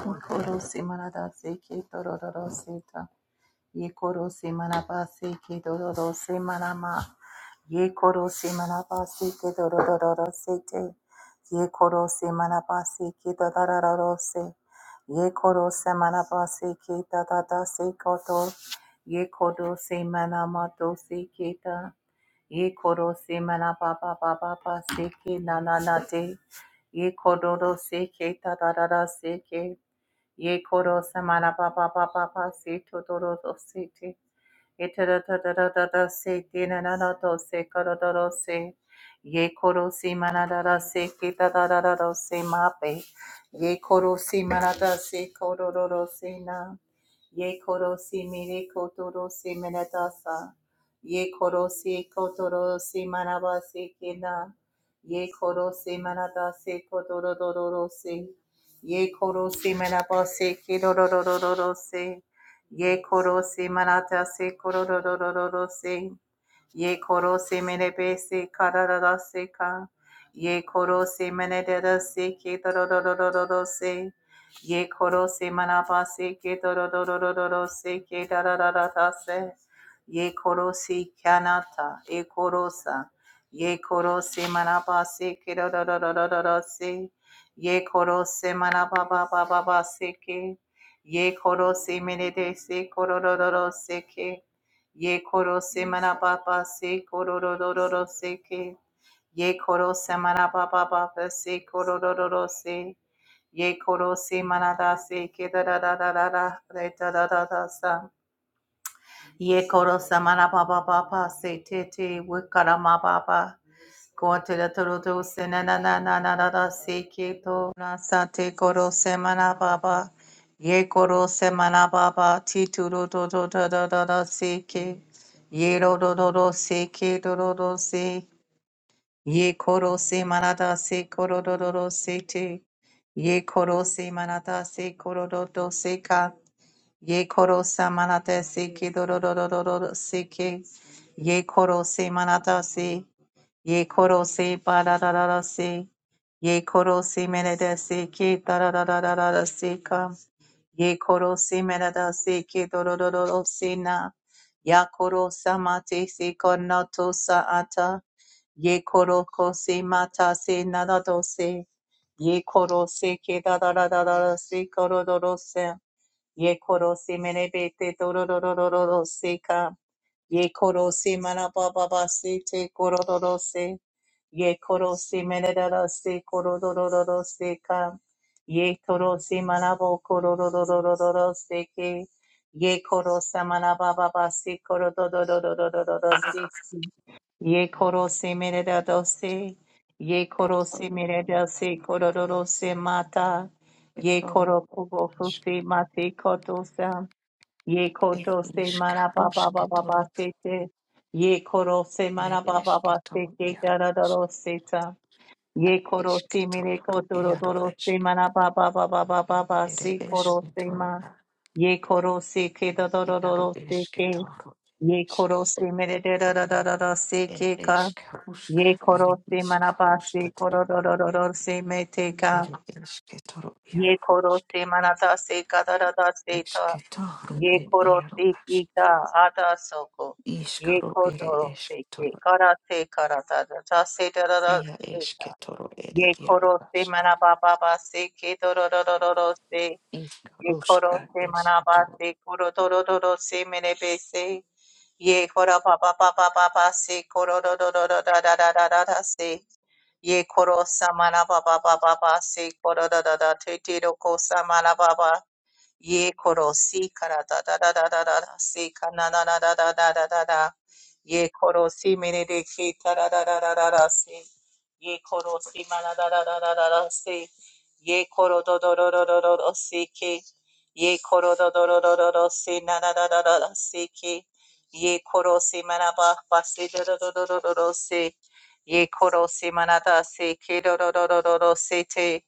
Korosi manadase ke dororosita. Ye korosi manabase ke dororose manama. Ye korosi manabase ke dorororosite. Ye korosi manabase ke dorororose. Ye korosi manabase ke dadadase koto. Ye korosi manamadose ke da. Ye korosi manababababase ke nananate. Ye kororose ke dadadase ke. Ye koro samara pa pa pa pa pa se to to Itadadadadada se dinanado se korodoro se ye korosi manadada se kitadadadado se mape ye korosi manada se korodoro se na ye korosi mire kotoro se manadasa ye korosi kotoro se manaba se kina ye korosi manada se kodorodoro se ye korosi manaba se kidorodoro se Ye koro se manata se koro ro ro ro ro ro se. Ye koro se menebe se kara ra ra se ka. Ye koro se menede ra se ke do ro ro ro ro ro ro se. Ye koro se manaba se ke do ro ro ro ro ro ro se ke da ra ra ra ra se. Ye koro se kyanata e koro sa. Ye koro se manaba se ke se. Ye koro se manaba ba ba ba ba se ke. Ye koro se merede se kororororo se ke. Ye koro se marababa se kororororo se ke. Ye koro se marababa se kororororo se. Ye koro se marada se ke da da da da da da re da da da da sa. Ye koro se marababa se te te wikarama baba. Kuatele toroto se na na na na na na na se ke to na sa te koro se mana baba. Ye koro se mana baba ti tu ro to to to to to to se ke. Ye ro ro ro ro se ke ro ro ro se. Ye koro se mana da se koro ro ro ro se te. Ye koro se mana da se koro ro ro se ka. Ye koro se mana da se ke ro ro ro ro ro ro se ke. Ye koro se mana da se. Ye koro se ba da da da se. Ye koro se mene da se ke da da da da da da se ka. Ye koro se mene da se ke do do do do do se na. Ya koro sa ma te se konato sa ata. Ye koro ko se mata se na da se. Ye koro se ke da da da da da se koro se. Ye koro se mene be se ka. Ye koro se mana baba basi te koro doro se. Ye koro se mene doro se koro doro doro se ka. Ye koro se mana bo koro doro doro doro se ke. Ye koro se mana baba basi koro doro doro doro doro se. Ye koro se mene doro se. Ye koro se Ketoro mene se koro doro se mata. Ye koro kubo fusi mate koto sa. Ye ir koto se mana ba ba iškarus ba ba ba ketoro se te. Ye koro se ir mana ba ba iš ba se ketoro te ir da da ro se ta. Ye koro iš se mire ketoro koto ro ir do iš se mana ba ba ba ba ba ba ba ir se iš koro se ketoro ma. Ye koro se ke da da da ir ro se iš ke. ketoro Ye koro se mire de da da da da da se ir ke ka. iš karus Ye koro ir se iš mana ba karus se tatara koro do do do do se me te ka. ir iš ketoro ir Ye koro iš se mana ta se ka da da da se ta ye koro te ki ka ada soko ye koro te ki kara te kara ta ta se da da da se ta ye koro te mana ba ba ba se ke do do do do do do se ye koro Iskaruska te mana ba eskitoro se koro do do do do se mene be se ye koro ba ba ba ba ba ba se koro do do do do da da da da da da se ye koro sa mana ba ba ba ba ba se koro do do do te te do ko sa mana ba ba Ye koro si kara da da da da da da da si kana na na da da da da da da. Ye koro si mene de ki ta da da da da da da si. Ye koro si mana da da da da da da si. Ye koro do do do do do do do si ki. Ye koro do do do do do do si na na da da da da si ki. Ye koro si mana ba ba si do do do do do do do si. Ye koro si mana da si ki do do do do do do si te.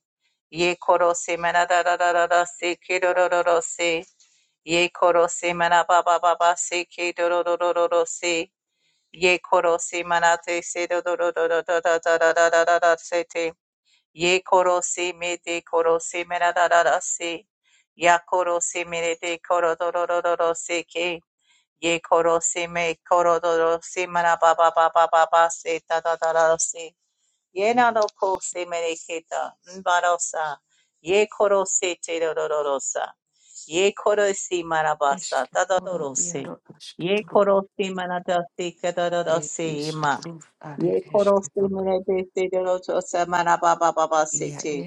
Ye koro se mana da da da da da se ke do do do do se. Ye koro se mana ba ba ba ba se ke do do do do do do se. Ye koro se mana te se do do do do do do da da da da da da da se te. Ye koro se me te koro se mana da da da se. Ya koro se me re te koro do do do do do se ke. Ye koro se me koro do do se mana ba ba ba ba ba ba se da da da da da se. Ye naroko se mereketa mbarosa. Ye koro se te rororosa. Ye koro si marabasa eskitoro tadorose. iaro Ye eskitoro koro si manadasi e kadorose ima. iskaruf are Ye koro si eskitoro merebese dororosa marababa se ia te.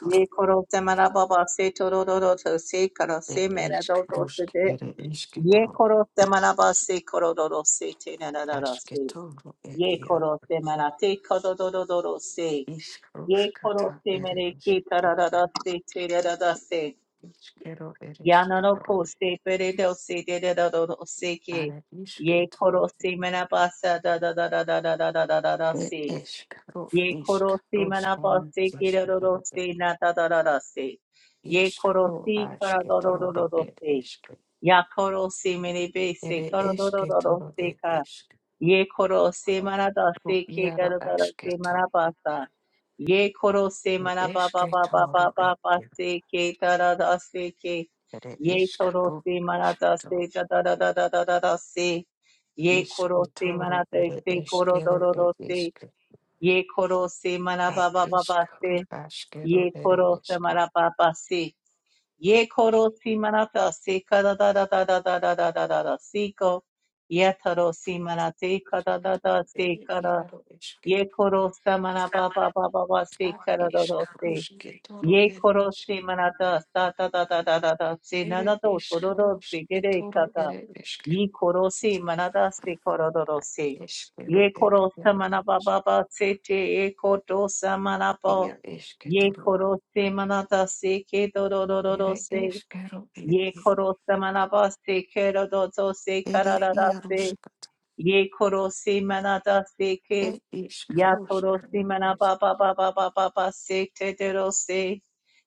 Ye koro se marababa se torororosa se koro e se meredorose iskarusk de. ere Ye eskitoro koro se marabase kororose te narararase. askitoro e Ye ia koro se marate kodororose. Ye iskaruska koro ta se ere mere ki tararara eskitoro se tererara se. iskero ere Yanaro eskitoro ko se peredo se dereraro se ke. are Ye eskitoro koro se mena basa da da da da da da da da da da da e se. eskaro Ye koro se mena iskaruska basa kireroro eskitoro se na da da da da se. Ye koro iskaro se karadoro do do askitoro do e se. eskitoro Ya koro se mere be se Ere karadoro eşke do do toro se e ka. eşke. Ye koro se marada Ru se ke yaro dara dara eşke se marabasa. Ye koro se Ere maraba ba eşke ba ba ba toro ba e ba se ke dara dara se ke. Ere Ye eşke toro ru se eşke marada toro. se da da da da da da da da se. Ye Eşke koro se toro marada ere se koro eşke ru doro do e se. eşke. Ye koro se A maraba ba ba ba eşke ru se. eşke Ye ere koro se eşke. maraba ba se. Ye koro si manata si kada da da da da da da da da da da si ko. Ye taro si manate kada da Eşke da si ere kada. yaro eşke. Ye koro sa mana ba ba ba ba ba A si kada da da eşke ru si. eşke toro Ye e koro si eşke. manata sa da da da da da da si na na Ere do to do eşke do ru si eşke gere kata. ere eşke. Ye koro si manata si koro do do A si. eşke Ye ru e koro sa yaro mana ba eşke. ba ba si te ye koto sa mana po. Ia Ye eşke koro se manata se ke do do do do do Ere se eskero ere ye koro samanaba se kero dozo se ere kararara se iaroskata. ye koro se manada se ke E ya toro se iskaroskana manaba es. ba ba se te dero se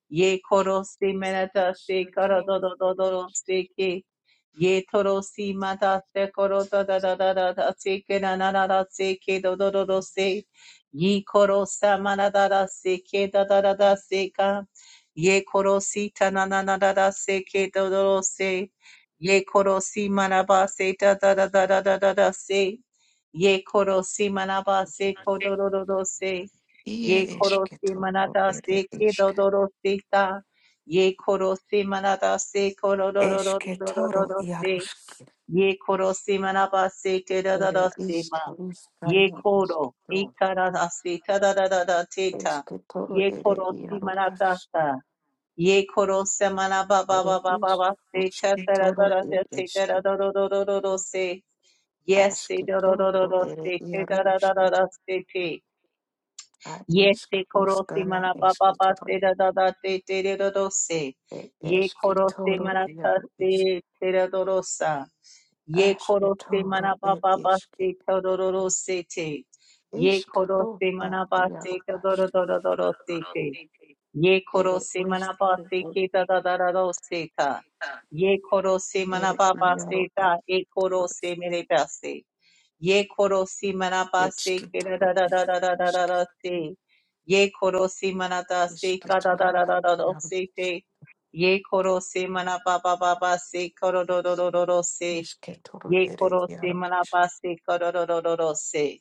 Ye koro si menata si koro do do do do do si ki. Ye toro si mata se koro da da da da da da si ki na na na na si ki do do do do si. Ye koro sa mana da da si ki da da da da si ka. Ye koro si ta na na na da da si ki do do do si. Ye koro si mana ba si da da da da da da da da si. Ye koro si mana ba si ko do do do do si. Ye Ie koro si esketoro manada ere se ke do isk. do do se ta. Ye koro si manada se koro do do do do do do do Esketoro do se. iaroski. Ye koro si manaba se te da da da Ere se ma. Ye iskaroskana koro esketoro. ikara da da se ta da da da da te ta. Esketoro Ye ere koro si iaro manada as. sa. Ye koro se manaba ba Ere ba ba ba isk. ba se ta ta da da Usketoro da da ere te da da iske. do do do do do do se. Yes, se do do do do Asketoro do ere se te iaro da da da isk. da da se te. A Ye se korosi iskaroskana mana papa pa se da da da te te re do do se. It Ye is korosi toro mana ta Yaro Ish se te da do do sa. Ye Ash korosi mana Kitoro It papa pa is se ta do do do se te. Ye Ishkaro korosi mana pa Yaro se ta do Ash do do do do do se te. It Ye korosi is mana pa se ke da da da da do se ta. Ye korosi mana It papa Yaro se ta. E Atoro korosi mere ta se. Ye korosi manaba It's se kira Kitoro da da da Yaro da da da da aşke. da se. Ye korosi manata se Eşke kada da toro da da da Ishkitoro da Yaro se Ish te. Ye korosi manaba pa pa pa se koro do do do do do se. Ishkitoro Ye It korosi Yaro Ish manaba se koro do do do do se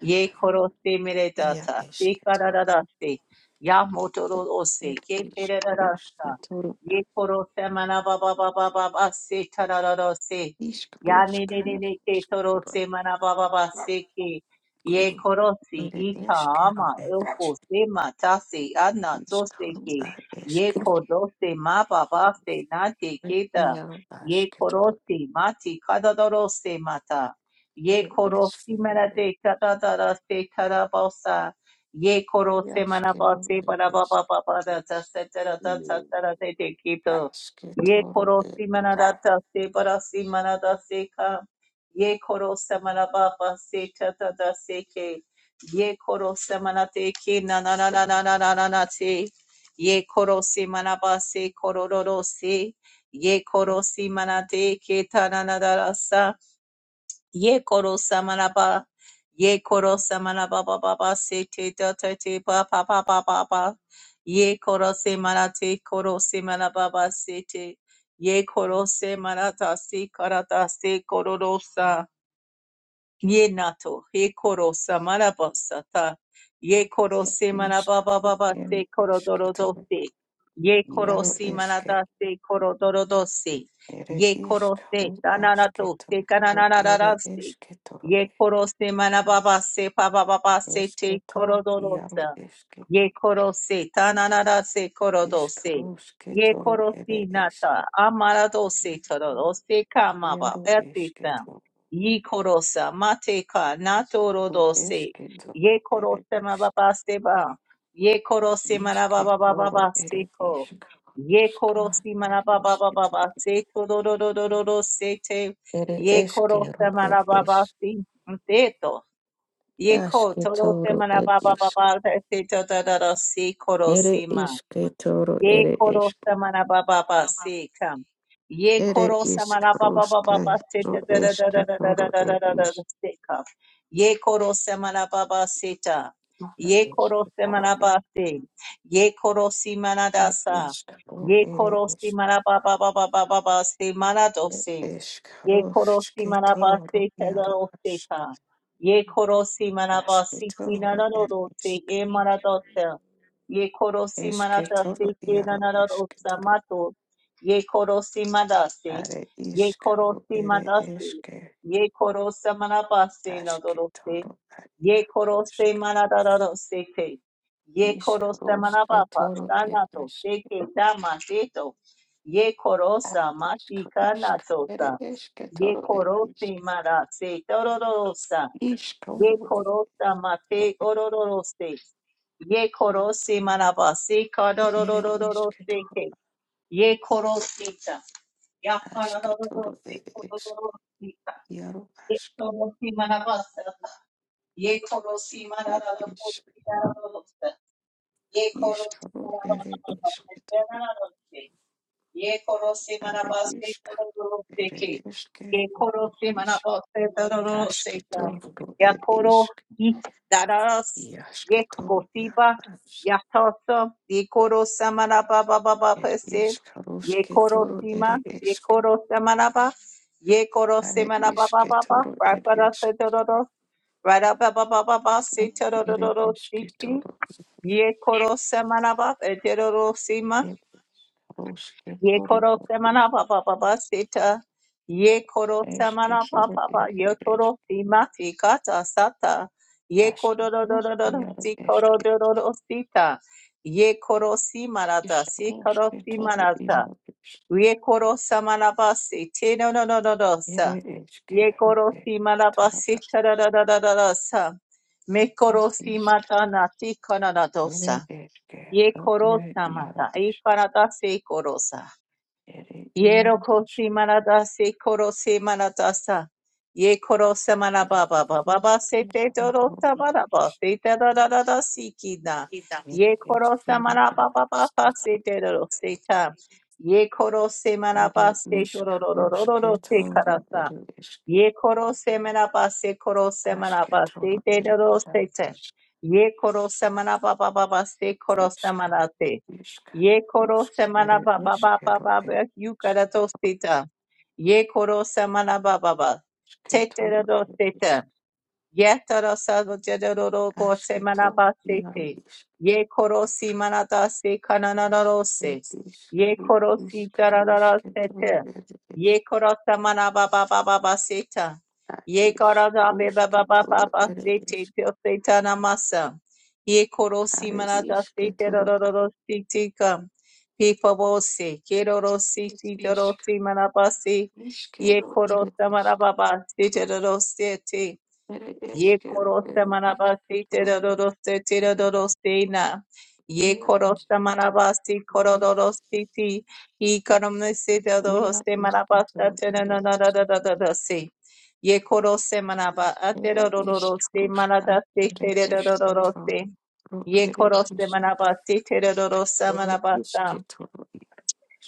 ye koroste mere Ia data te iske toro karararaste ya motoro ose Er ke eşke roşke pererarasta Toro ye koroste mana baba baba baba se tarararose Ishkitoro It ya ne ne ne ne te torose mana baba baba se ke ye korosi is Kitoro Ishkaroskana Ishkitoro It ika is ama Kitoro elpo se matase ana tose Iskaro ke ad ye eskero korose ma baba se na te ed keda iaro ye asketoro korosi mati kadadorose mata Ye ere koro si eskero mera ed de ta se ta da ba sa. Ye koro se mana ba iaskero se ba ed ba ba ba da ta se ta da ta ta ta da te te ki to. Ye esketoro koro ed si mana da ta se ba da si mana da se ka. Ye koro se mana ba ba se ta ta da se ke. Ye koro se mana te ki na na na na na na na na na te. Ye koro si mana ba se koro ro se. Ye koro si mana te ki ta na na da da sa. Ye koro samanaba. Ye koro samanaba ba ba ba se te da te te ba ba ba ba ba ba. Ye koro se manate koro se manaba ba se te. Ye koro se manata se karata se kororosa. Ye nato, he koro samaraba sata, ye koro ed se marababa iskaro baba ere se koro dorodo esketoro se, ye koro iaro si eske manada se koro dorodo se, ere ye koro iskaro se tananato se asketoro ere kananarara se, esketoro ye koro se manababa se pababa se te esketo koro iaro dorosa, eske ye koro se tananara se koro iskaro dose, ye sketoro koro ere si nata, eske amarado se tororo se kamaba, etisam. iaro Yi korosa mate ka nato do rodose. eşke doğru Ye ere korose işk. mababaste ba. Ye korose İşke doğru marababababa ere seko. işk. Ye Uşkla korosi er eşke marababababa doğru. seko do do do do do do sete. Ere Ye eşke ro korose er eşk. marababasi teto. Ye ko Eşke torose doğru er işk. marababababa teto da da da si Ere korosima. eşke doğru Ye ere koro eşk. samana baba ba se kam. Ye Ere koro işk samana baba baba roşka ba se ta da ro da da da eşke da da doğru da da da da er da da işk. se kam. Ye koro samana baba se ta. Ere Ye koro eşke doğru samana er ba se. Ye koro simana da er sa. işk ro Ye ere koro işk. simana baba baba baba ba se mana do Er se. eşk Ye korosi roşke manabase doğru yaro eşk. tedoroseta. Ye korosi Eşke manabasi doğru er kinanarose e işk. manadosa. Ye korosi Eşke manatase toro yaro eşke kinanarosa toro mato. Ye korosi madase. are Ye işkaro korosi ere madase. eşke Ye korosa manabase aşke nadorose. toro are Ye yaro korose eşke. manadarose te. Ye korosa İşkaro eşke manabapa toro ere sanato te eşke ke dama deto. Ye ar korosa işkaro eşke ere matikanato. eşke Ye toro ere korosi eşke. marase tororosa. Ye İşkaro ere korosa toro mate orororose. Ye korosi marabasi ere eşke kadororororose toro ke. Ye korosita. Ya aşke toro karorororose ere eşke korororosita. yaro Ye aşke korosi marabasa. Ye korosi ere eşke. marararorose. Ye korosi İşkaro ere eşke toro marabasa. Ye korose are manabaste işkaro tororo seke. ere Ye korose eşke. manabaste tororo seka. Ashketoro Ya ed koro ishk yi daras. Ye iashketoro kokosiba. yarbash Ya toso. Ye korosa manaba baba ed baba se. ishk Ye haroshketoro korosima. ere Ye ishk korosa manaba. Ye korose are manaba baba baba. ishketoro ed Rapara se ishk tororo. Radaba baba baba se ere tororo seki. ishketoro Ye korose manaba. Eteroro ed Ye haroshketoro koro ed semana ishk pa pa pa pa sita. Ye koro semana pa eshketoro pa pa. ere Ye ishk koro sima ti kata sata. Ye koro do ashketoro do do do do yar si koro eshke do do do sita. Ye koro simarata ishk si koro haroshketoro simarata. imabish Ye koro samana pa si te no no no no no ere sa. Ye eshkero koro ed simana pa itoro si ta da da da da da da sa. Me ed koro ishk simata na ti kana na ere dosa. Ye eshkero koro ere samata. I yarbish kanata se koro sa. Ere Yero iaro kosi iškris manada se koro se manada sa. Ye koro se manaba ba ba ba iš ba se te doro sa išraudonusių manaba se te da da da da si ki na. Ida. Ye širdies koro se ir manaba ba ba ba se apskaito. te doro se ta. Ye koro se Ere manaba se doro ro ro iškrus ro ro ro se kitoro karasa. ir iš Ye koro semena pa se koro aš semena pa se kitoro te ir de ro ida se te. Ye koro semena pa pa pa pa se Ere koro semena te. ir Ye koro semena ere pa pa pa pa pa ir pa yu iš kara to se ta. Ye koro semena pa pa pa. Te te de kitoro ro ir se te. iš Yetara salvo jedoro aš bose kito iaro manabasete. iš Ye korosi manadase ir kananarose. Ye korosi iškrus ere jarararasete. ir Ye korosa manababababaseta. Ar Ye karada ishkrushketoro ere bebabababasete ishk. tioseta namasa. Ye korosi Are manadasete ishketoro ar rororositi kam. Pipavose, kerorosi ishk. tidorosi manabasi. Ye Ishkero ere korosa ishk. manababasete rorosete. Ere Ye eshkero korosta ere manabasi ishketoro ere. terodoroste terodoroste na. Ye Ia korosta ishketoro. manabasi korodorosti ti. I karamnesi Ia terodoroste ishke manabasta toro ere ishk. terodorodorodorodosi. Ye koroste manaba Ere aterodorodoste ishkrushka manadasti terodorodoste. manadasi ere terodorodorodorosi. eshketoro Ye ere koroste ishk. manabasi terodorosta Ere manabasta. ishketoro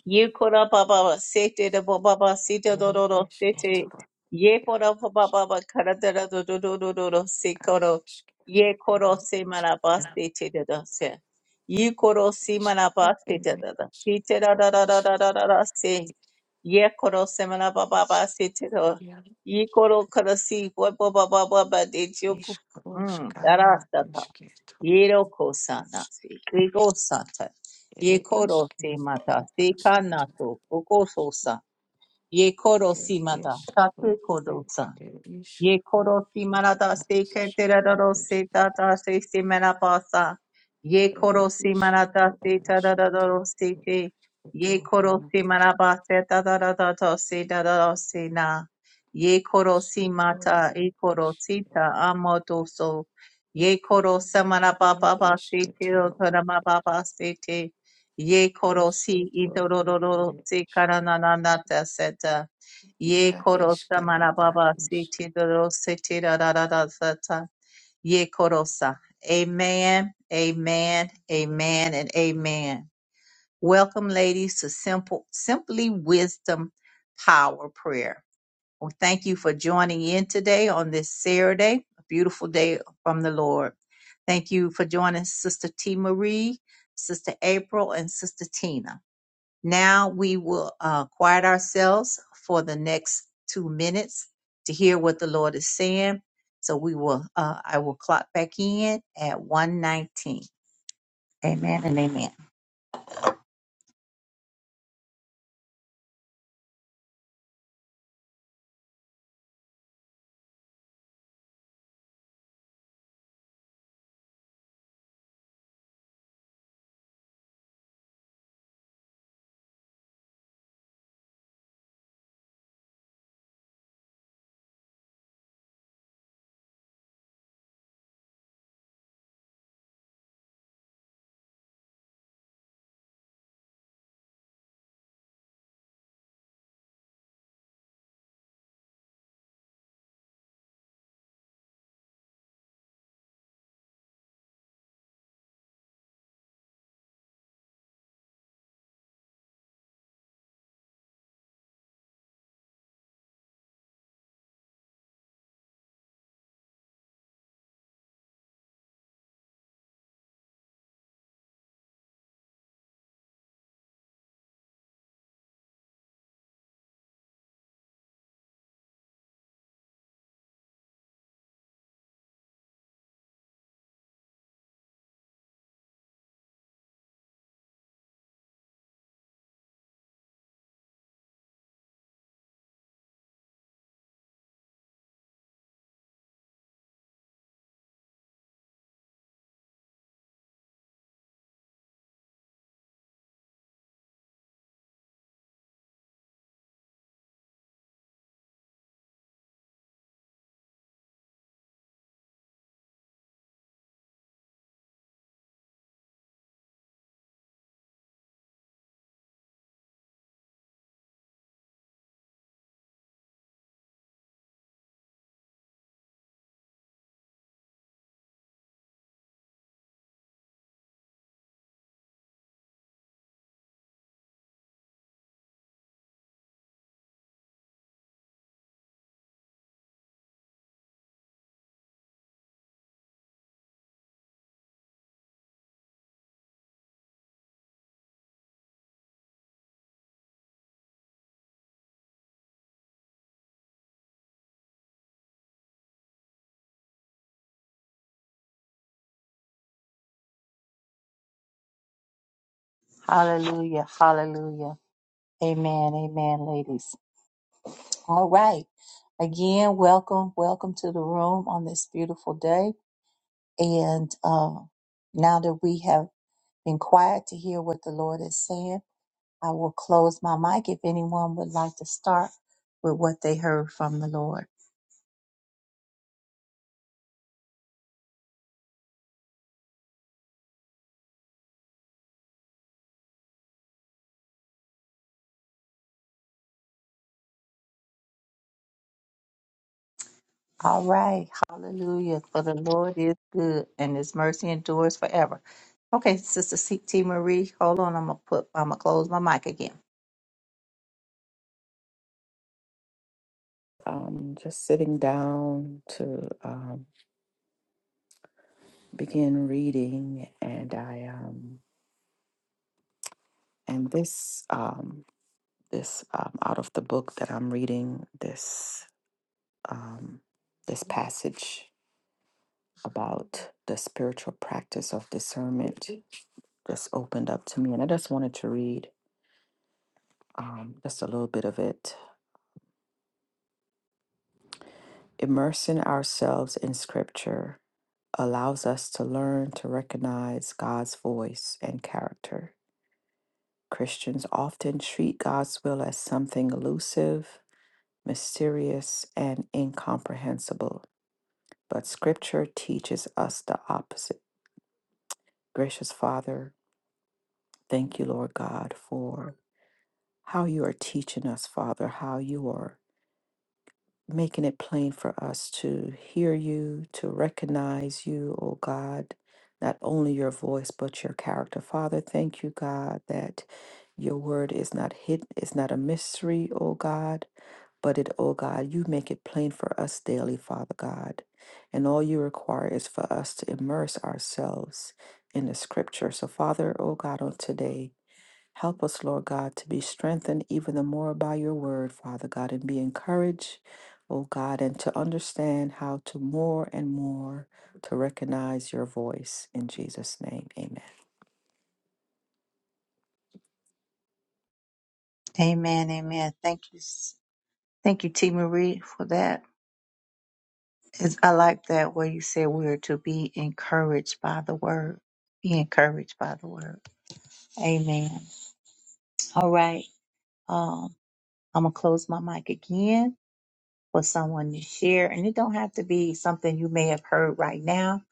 Ye kora baba sete de baba sita do ere do do sete. eshketoro. Ye Ia kora ishk. baba kara da da do do do do do do se Ar koro. Ye ishkero koro ere se manaba ishk. sete de da se. Ye koro se manaba Ishkaru sete ere da da. Sete da da ishkaru da da da da da ishkaru da se. Ye koro se manaba baba sete do. iaro Ye koro kara si bo bo ba ba ba ba de joku. ishkaru Hmm. shkana Darasta ta. ishketo Ye ro ko sa ish na se. Ye go sa ta ere ye koro te mata ishketo te ashketo kanato okososa ye koro ere si mata tate ishkaru kodosa ere Ye ishkaru koro si manada se ashketo keterado se tata se si manapasa. Ye ere koro si manada ishkaru se ashketo tadadado se te. Ye ashketo koro si romatish manabase tadadado se dadado se na. Ye koro si ishkaru mata e ere koro sita ishkaru amoto so. Ye koro samana ia baba ba se te o ishketo tarama baba se te. Ye koro si idororo se karanana Ye Yeah, korosa iskero marababa siti doro siti da da da da da da. Ye korosa. Amen, amen, amen, and amen. Welcome, ladies, to simple, simply wisdom, power prayer. Well, thank you for joining in today on this Saturday, a beautiful day from the Lord. Thank you for joining Sister T. Marie, Sister April, and Sister Tina. Now we will uh, quiet ourselves for the next two minutes to hear what the Lord is saying. So we will, uh, I will clock back in at 119. Amen and amen. Hallelujah. Hallelujah. Amen. Amen, ladies. All right. Again, welcome, welcome to the room on this beautiful day. And uh, now that we have been quiet to hear what the Lord is saying, I will close my mic if anyone would like to start with what they heard from the Lord. All right. Hallelujah. For the Lord is good and his mercy endures forever. Okay, Sister C- T. Marie, hold on. I'm gonna put. I'm gonna close my mic again. Um, just sitting down to um, begin reading, and I um, and this um, this um, out of the book that I'm reading this um, this passage about the spiritual practice of discernment just opened up to me, and I just wanted to read um, just a little bit of it Immersing ourselves in Scripture allows us to learn to recognize God's voice and character. Christians often treat God's will as something elusive, mysterious, and incomprehensible, but Scripture teaches us the opposite. Gracious Father, thank you, Lord God, for how you are teaching us, Father, how you are making it plain for us to hear you, to recognize you, O God, not only your voice, but your character. Father, thank you, God, that your word is not hidden, it's not a mystery, O God, but it, O God, you make it plain for us daily, Father God. And all you require is for us to immerse ourselves in the scripture. So, Father, O God, on today, Help us, Lord God, to be strengthened even the more by your word, Father God, and be encouraged, oh God, and to understand how to more and more to recognize your voice. In Jesus' name, amen. Amen. Amen. Thank you. s- Thank you, T. Marie, for that. It's, I like that where you said we are to be encouraged by the word. Be encouraged by the word. Amen. All right. Um, I'm gonna close my mic again for someone to share, and it don't have to be something you may have heard right now,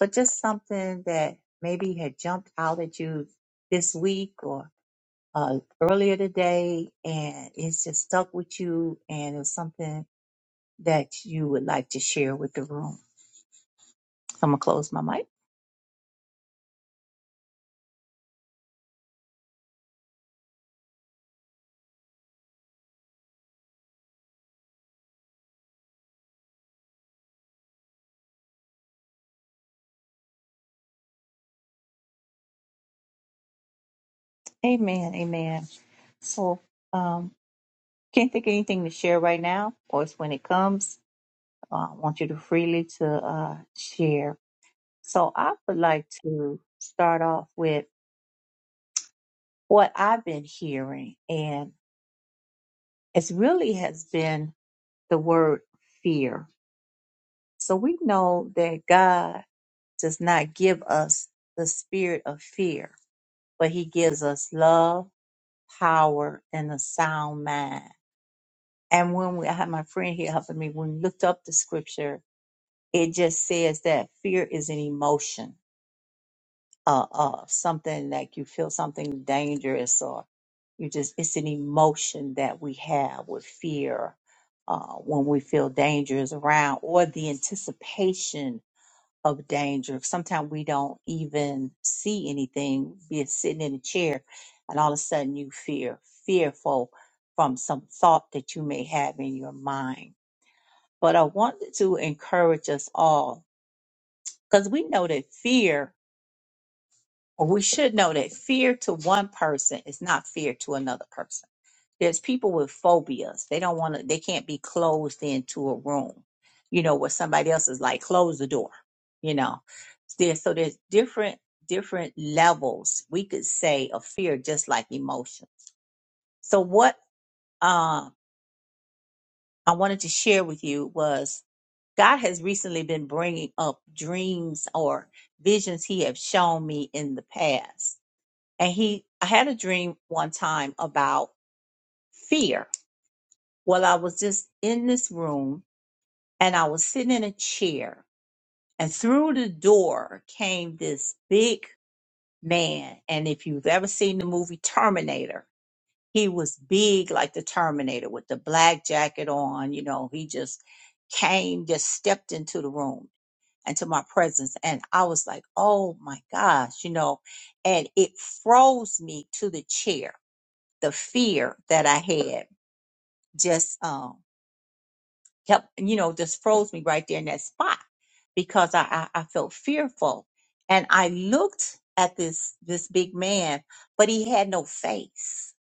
but just something that maybe had jumped out at you this week or uh, earlier today, and it's just stuck with you, and it's something that you would like to share with the room. So, I'm gonna close my mic. Amen. Amen. So, um, can't think of anything to share right now. Of course, when it comes, uh, I want you to freely to uh, share. So, I would like to start off with what I've been hearing, and it's really has been the word fear. So we know that God does not give us the spirit of fear, but He gives us love, power, and a sound mind. And when we, I had my friend here helping me, when we looked up the scripture, it just says that fear is an emotion uh, of something like you feel something dangerous or you just, it's an emotion that we have with fear uh, when we feel danger is around or the anticipation of danger. Sometimes we don't even see anything, be it sitting in a chair, and all of a sudden you fear, fearful from some thought that you may have in your mind. But I wanted to encourage us all because we know that fear, or we should know that fear to one person is not fear to another person. There's people with phobias. They don't want to, they can't be closed into a room, you know, where somebody else is like, close the door, you know there so there's different different levels we could say of fear just like emotion so what uh, i wanted to share with you was god has recently been bringing up dreams or visions he have shown me in the past and he i had a dream one time about fear well i was just in this room and i was sitting in a chair and through the door came this big man. And if you've ever seen the movie Terminator, he was big like the Terminator with the black jacket on. You know, he just came, just stepped into the room, into my presence. And I was like, oh my gosh, you know, and it froze me to the chair, the fear that I had just. um kept, you know, just froze me right there in that spot because I, I, I felt fearful. And I looked at this, this big man, but he had no face.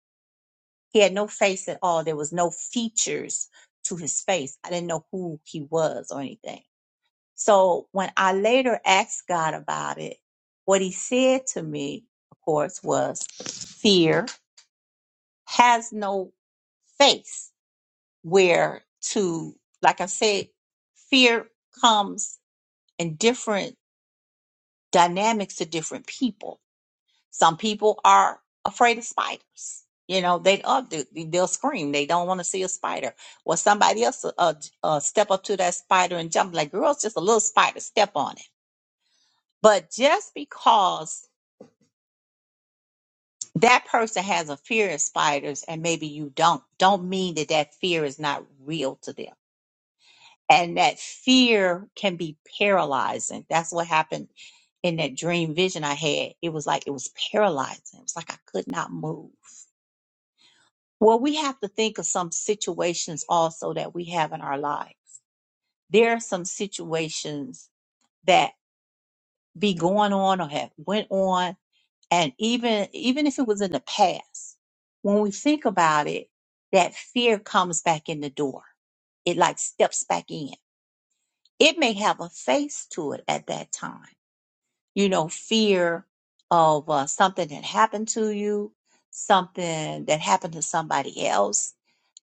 He had no face at all. There was no features to his face. I didn't know who he was or anything. So when I later asked God about it, what he said to me, of course, was fear has no face where to, like I said, fear comes and different dynamics to different people. Some people are afraid of spiders. You know, they up they'll scream. They don't want to see a spider. Well, somebody else uh, uh, step up to that spider and jump like, "Girl, it's just a little spider. Step on it." But just because that person has a fear of spiders and maybe you don't, don't mean that that fear is not real to them and that fear can be paralyzing. That's what happened in that dream vision I had. It was like it was paralyzing. It was like I could not move. Well, we have to think of some situations also that we have in our lives. There are some situations that be going on or have went on, and even even if it was in the past, when we think about it, that fear comes back in the door. It like steps back in. It may have a face to it at that time you know, fear of uh, something that happened to you, something that happened to somebody else.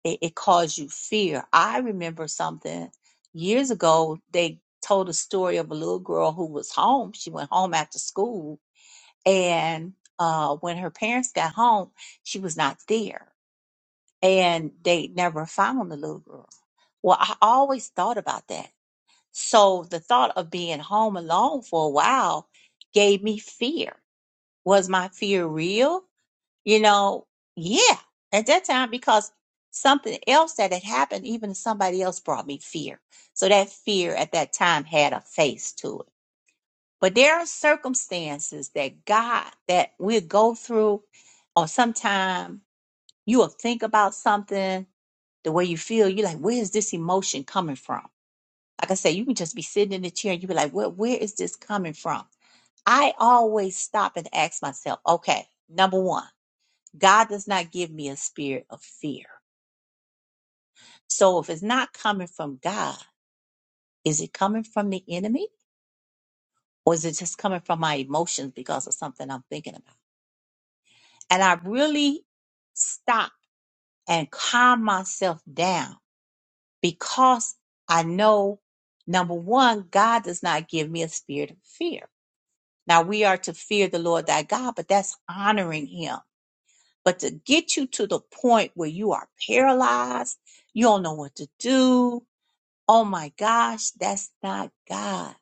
It, it caused you fear. I remember something years ago. They told a story of a little girl who was home. She went home after school, and uh, when her parents got home, she was not there, and they never found the little girl. Well, I always thought about that. So the thought of being home alone for a while gave me fear was my fear real? You know, yeah, at that time, because something else that had happened, even somebody else brought me fear. So that fear at that time had a face to it. But there are circumstances that God, that we go through, or sometime you will think about something, the way you feel, you're like, where is this emotion coming from? Like I say, you can just be sitting in the chair and you be like, well, where is this coming from? I always stop and ask myself, okay, number one. God does not give me a spirit of fear. So if it's not coming from God, is it coming from the enemy or is it just coming from my emotions because of something I'm thinking about? And I really stop and calm myself down because I know number one, God does not give me a spirit of fear. Now we are to fear the Lord thy God, but that's honoring him. But to get you to the point where you are paralyzed, you don't know what to do, Oh my gosh, that's not God.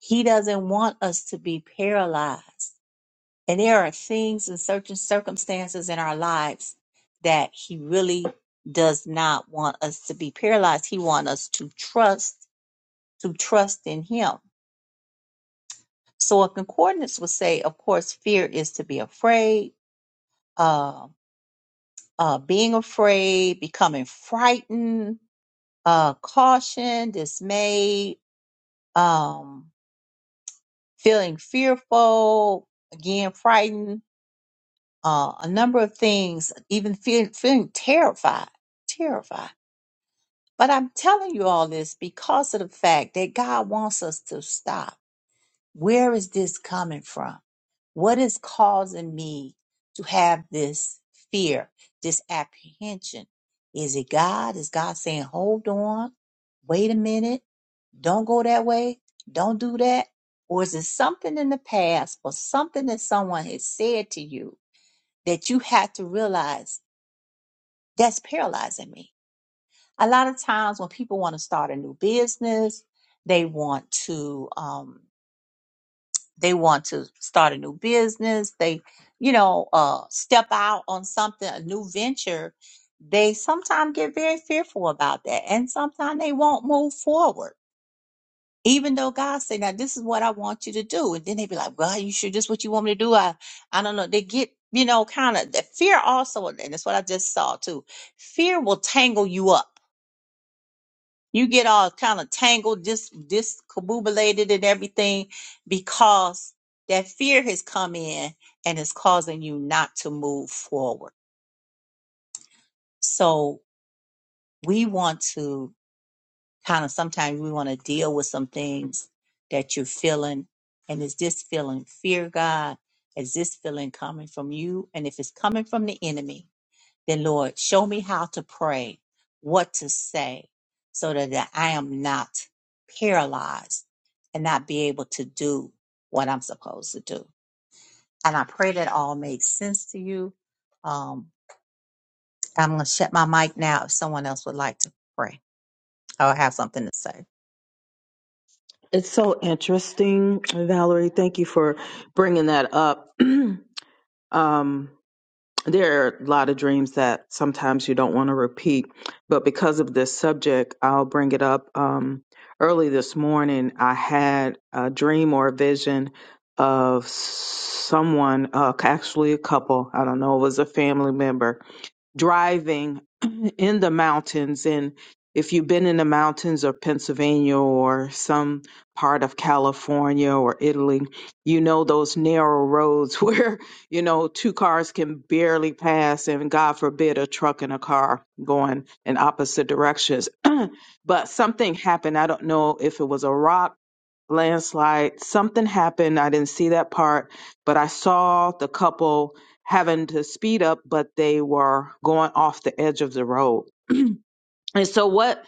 He doesn't want us to be paralyzed. And there are things and certain circumstances in our lives that He really does not want us to be paralyzed. He wants us to trust, to trust in Him. So a concordance would say, of course, fear is to be afraid, uh, uh, being afraid, becoming frightened, uh, caution, dismay, um, feeling fearful, again, frightened, uh, a number of things, even feel, feeling terrified, terrified. But I'm telling you all this because of the fact that God wants us to stop. Where is this coming from? What is causing me to have this fear, this apprehension? Is it God? Is God saying, hold on, wait a minute? don't go that way, don't do that? Or is it something in the past or something that someone has said to you that you had to realize that's paralyzing me? A lot of times when people want to start a new business, they want to um, they want to start a new business. They, you know, uh, step out on something, a new venture. They sometimes get very fearful about that, and sometimes they won't move forward Even though God say, now this is what I want you to do. And then they be like, well, you sure this what you want me to do? I, I don't know. They get, you know, kind of the fear also. And that's what I just saw too. Fear will tangle you up. You get all kind of tangled, dis, discombobulated and everything because that fear has come in and is causing you not to move forward. So we want to kind of sometimes we want to deal with some things that you're feeling. And is this feeling fear, God? Is this feeling coming from you? And if it's coming from the enemy, then Lord, show me how to pray, what to say, so that that I am not paralyzed and not be able to do what I'm supposed to do. And I pray that all makes sense to you. Um, I'm going to shut my mic now if someone else would like to pray or have something to say. It's so interesting, Valerie. Thank you for bringing that up. um, there are a lot of dreams that sometimes you don't want to repeat, but because of this subject, I'll bring it up. Um, early this morning, I had a dream or a vision of someone, uh, actually a couple. I don't know, it was a family member driving in the mountains and if you've been in the mountains of Pennsylvania or some part of California or Italy, you know those narrow roads where, you know, two cars can barely pass and God forbid a truck and a car going in opposite directions. but something happened. I don't know if it was a rock landslide. Something happened. I didn't see that part, but I saw the couple having to speed up, but they were going off the edge of the road. And so what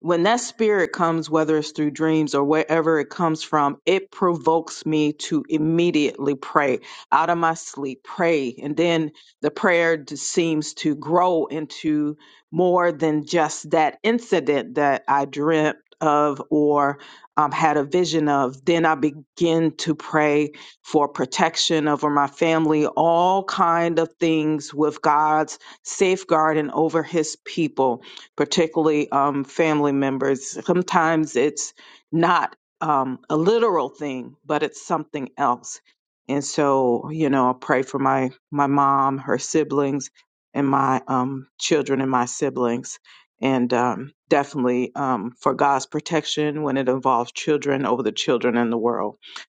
when that spirit comes, whether it's through dreams or wherever it comes from, it provokes me to immediately pray out of my sleep, pray. And then the prayer just seems to grow into more than just that incident that I dreamt of or um, had a vision of. Then I begin to pray for protection over my family, all kind of things with God's safeguarding over his people particularly um, family members. Sometimes it's not um, a literal thing, but it's something else. And so, you know, I pray for my my mom, her siblings, and my um, children and my siblings, and um, definitely um, for God's protection when it involves children over the children in the world.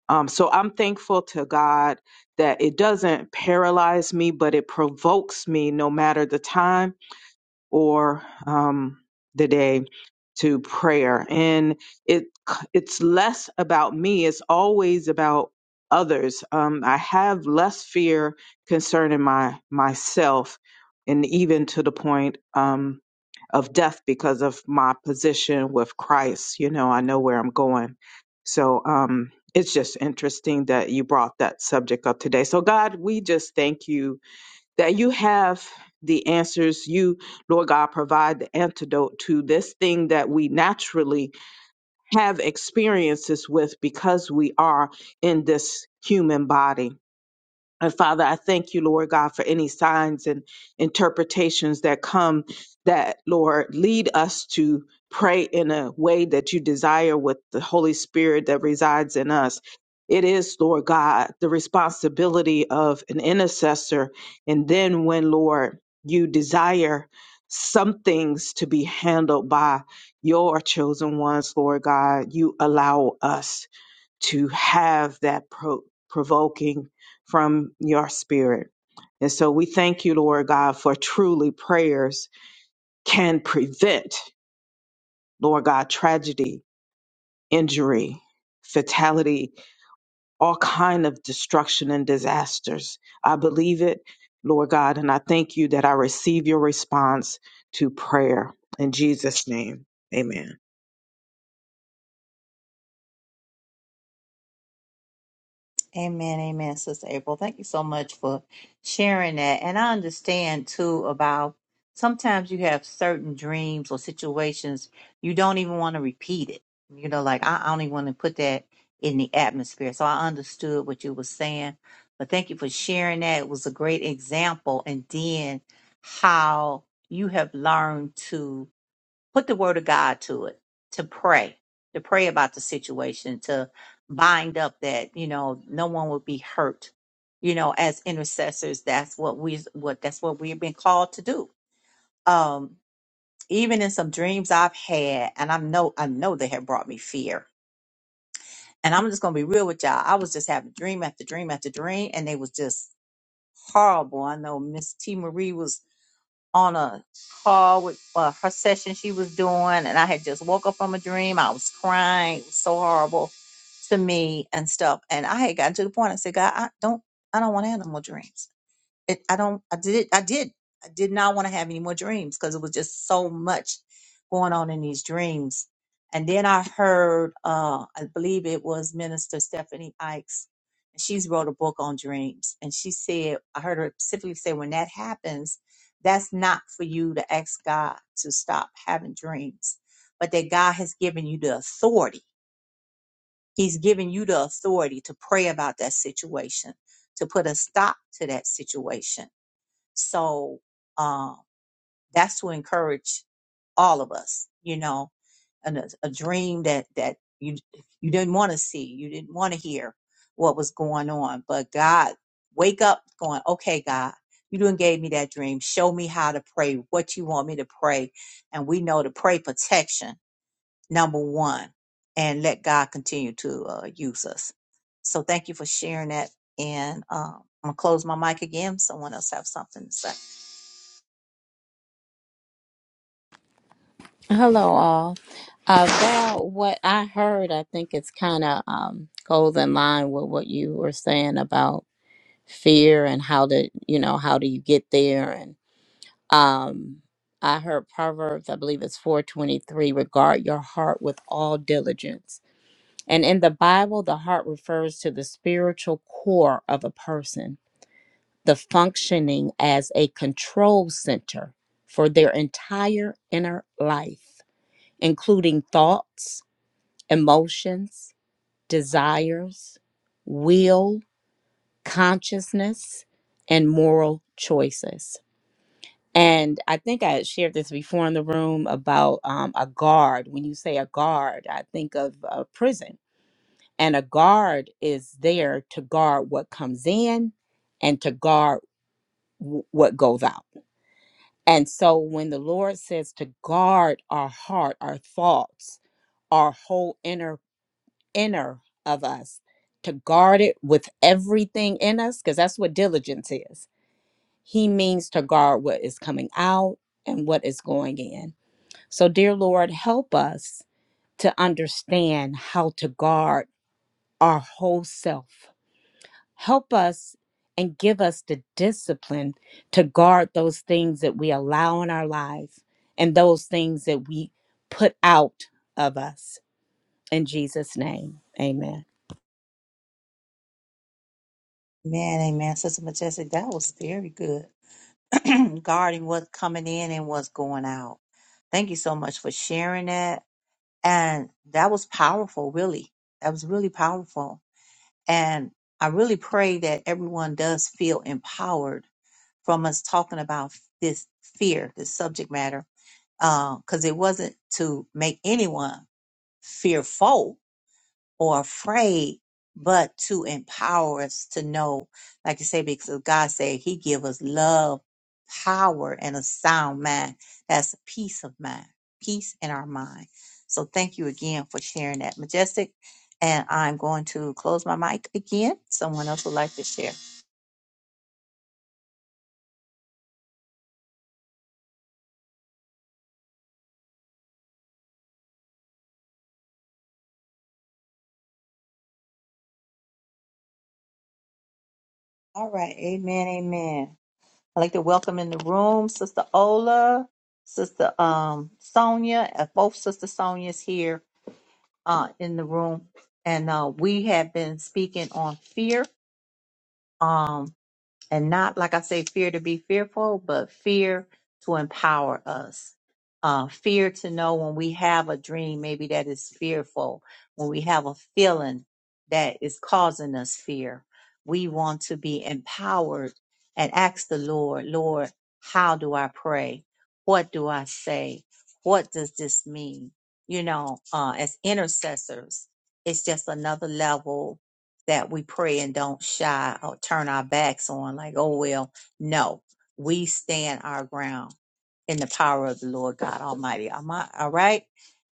Um, so I'm thankful to God that it doesn't paralyze me, but it provokes me no matter the time or um, the day to prayer and it it's less about me it's always about others um, i have less fear concerning my myself and even to the point um, of death because of my position with christ you know i know where i'm going so um, it's just interesting that you brought that subject up today so god we just thank you that you have the answers. You, Lord God, provide the antidote to this thing that we naturally have experiences with because we are in this human body. And Father, I thank you, Lord God, for any signs and interpretations that come that, Lord, lead us to pray in a way that you desire with the Holy Spirit that resides in us. It is, Lord God, the responsibility of an intercessor. And then when, Lord, you desire some things to be handled by your chosen ones, Lord God, you allow us to have that pro- provoking from your spirit. And so we thank you, Lord God, for truly prayers can prevent, Lord God, tragedy, injury, fatality, all kind of destruction and disasters. I believe it, Lord God, and I thank you that I receive your response to prayer. In Jesus' name, amen. Amen, amen, Sister April. Thank you so much for sharing that. And I understand too about sometimes you have certain dreams or situations you don't even want to repeat it. You know, like I, I don't even want to put that in the atmosphere. So I understood what you were saying. But thank you for sharing that. It was a great example. And then how you have learned to put the word of God to it, to pray, to pray about the situation, to bind up that, you know, no one would be hurt. You know, as intercessors, that's what we what that's what we've been called to do. Um, even in some dreams I've had, and I know I know they have brought me fear. And I'm just gonna be real with y'all. I was just having dream after dream after dream, and they was just horrible. I know Miss T Marie was on a call with uh, her session she was doing, and I had just woke up from a dream. I was crying. It was so horrible to me and stuff. And I had gotten to the point. I said, God, I don't, I don't want animal dreams it, I don't, I did, I did, I did not want to have any more dreams because it was just so much going on in these dreams. And then I heard, uh, I believe it was Minister Stephanie Ikes. and She's wrote a book on dreams. And she said, I heard her specifically say, when that happens, that's not for you to ask God to stop having dreams, but that God has given you the authority. He's given you the authority to pray about that situation, to put a stop to that situation so um, that's to encourage all of us, you know, and a, a dream that that you you didn't want to see, you didn't want to hear what was going on, but God, wake up, going, okay, God, you done gave me that dream. Show me how to pray, what you want me to pray, and we know to pray protection number one, and let God continue to uh, use us. So thank you for sharing that, and um, I'm gonna close my mic again. Someone else have something to say. Hello, all. Uh, Val, what I heard, I think it's kind of um, goes in line with what you were saying about fear and how to, you know, how do you get there? And um, I heard Proverbs, I believe it's 423, regard your heart with all diligence. And in the Bible, the heart refers to the spiritual core of a person, the functioning as a control center for their entire inner life, including thoughts emotions, desires, will, consciousness, and moral choices. And I think I had shared this before in the room about um, a guard. When you say a guard, I think of a prison. And a guard is there to guard what comes in and to guard w- what goes out. And so when the Lord says to guard our heart, our thoughts, our whole inner inner of us to guard it with everything in us because that's what diligence is he means to guard what is coming out and what is going in so dear lord help us to understand how to guard our whole self help us and give us the discipline to guard those things that we allow in our lives and those things that we put out of us in jesus name amen Man, amen. Sister Majestic, that was very good. Guarding what's coming in and what's going out. Thank you so much for sharing that. And that was powerful, really. That was really powerful. And I really pray that everyone does feel empowered from us talking about this fear, this subject matter, because it wasn't to make anyone fearful or afraid, but to empower us to know, like you say, because God said He give us love, power, and a sound mind. That's a peace of mind, peace in our mind. So thank you again for sharing that, Majestic. And I'm going to close my mic again. Someone else would like to share. All right, Amen, Amen. I'd like to welcome in the room, Sister Ola, Sister um Sonia. Uh, Both Sister Sonia's here uh, in the room, and uh, we have been speaking on fear. Um, and not like I say, fear to be fearful, but fear to empower us. Uh, fear to know when we have a dream, maybe that is fearful. When we have a feeling that is causing us fear, we want to be empowered and ask the Lord, Lord, how do I pray? What do I say? What does this mean? You know, uh, as intercessors, it's just another level that we pray and don't shy or turn our backs on, like, oh, well, no, we stand our ground in the power of the Lord God Almighty. Am I all right?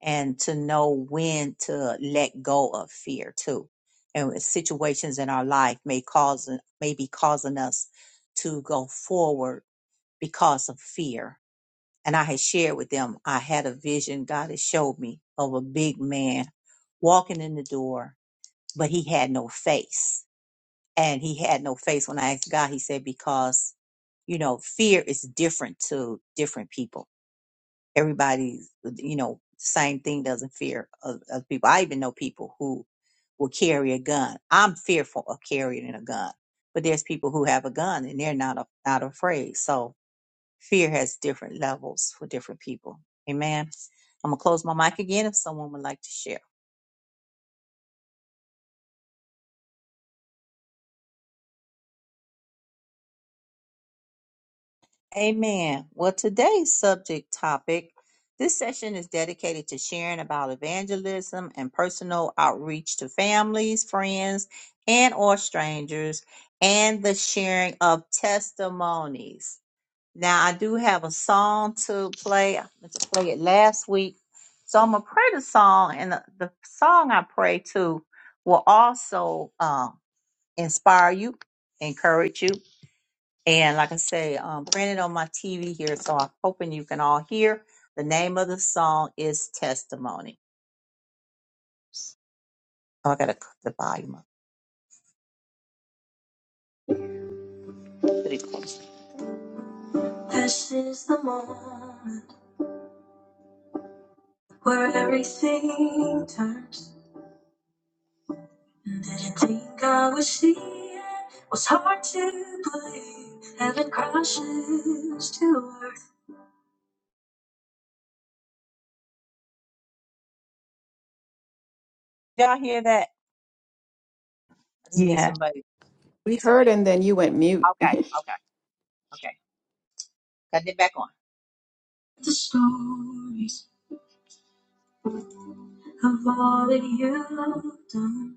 And to know when to let go of fear too. And with situations in our life may cause may be causing us to go forward because of fear. And I had shared with them, I had a vision God had showed me of a big man walking in the door, but he had no face and he had no face when i asked god he said because you know fear is different to different people everybody's you know same thing doesn't fear oth- other people i even know people who will carry a gun i'm fearful of carrying a gun but there's people who have a gun and they're not a, not afraid so fear has different levels for different people amen i'm gonna close my mic again if someone would like to share Amen. Well, today's subject topic this session is dedicated to sharing about evangelism and personal outreach to families, friends, and or strangers and the sharing of testimonies. Now, I do have a song to play. I meant to play it last week. So I'm going to pray the song, and the, the song I pray to will also um, inspire you, encourage you, and like I say, um, printed on my TV here, so I'm hoping you can all hear. The name of the song is Testimony. Oh, I gotta cut the volume up pretty close. This is the moment where everything turns. Didn't think I would see it. Was hard to believe. Heaven crashes to earth. Y'all hear that? I just need Yeah. somebody. We heard and then you went mute. Okay, okay, okay. Got it back on. The stories. of all that you've done.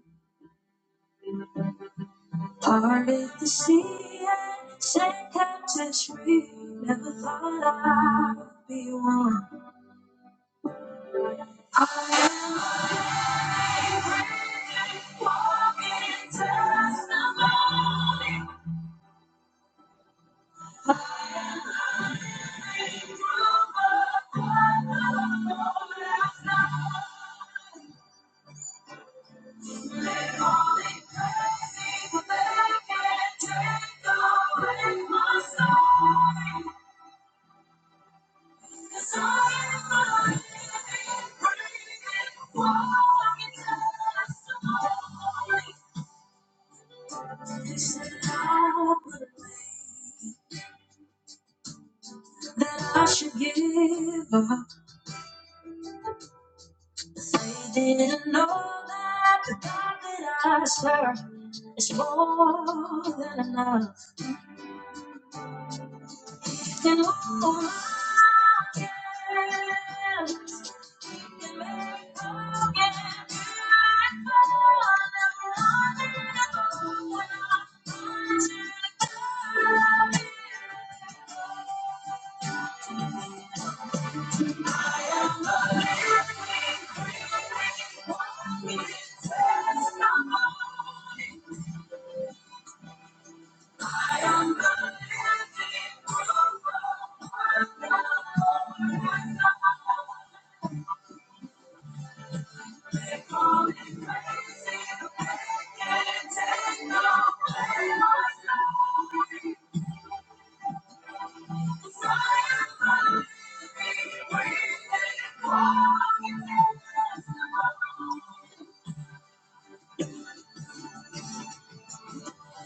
Parted the sea and set captives free. Never thought I would be one. I am walking testimony. God would have believed that I should give up. They didn't know that the God that I serve is more than enough. Can look around, yes. We can make love get beautiful.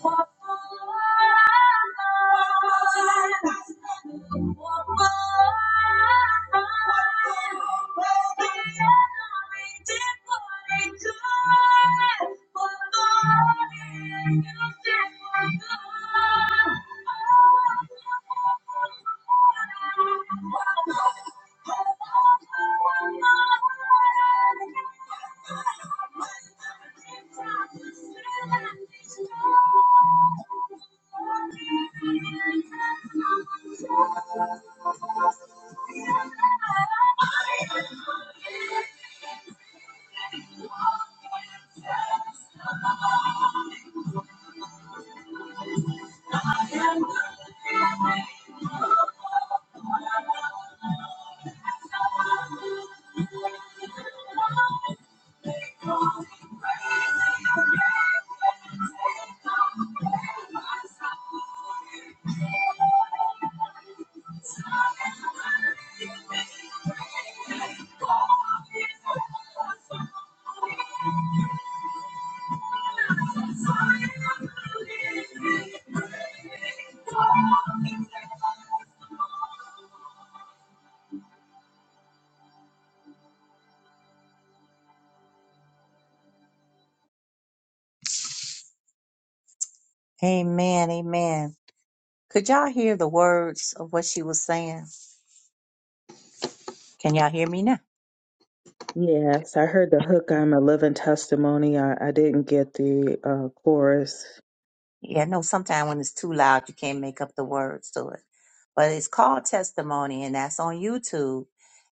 walk the line, Walk the line, Walk We make Thank you. did what you could. Amen, amen. Could y'all hear the words of what she was saying? Can y'all hear me now? Yes, I heard the hook. I'm a living testimony. I, I didn't get the uh, chorus. Yeah, I know sometimes when it's too loud, you can't make up the words to it. But it's called Testimony, and that's on YouTube.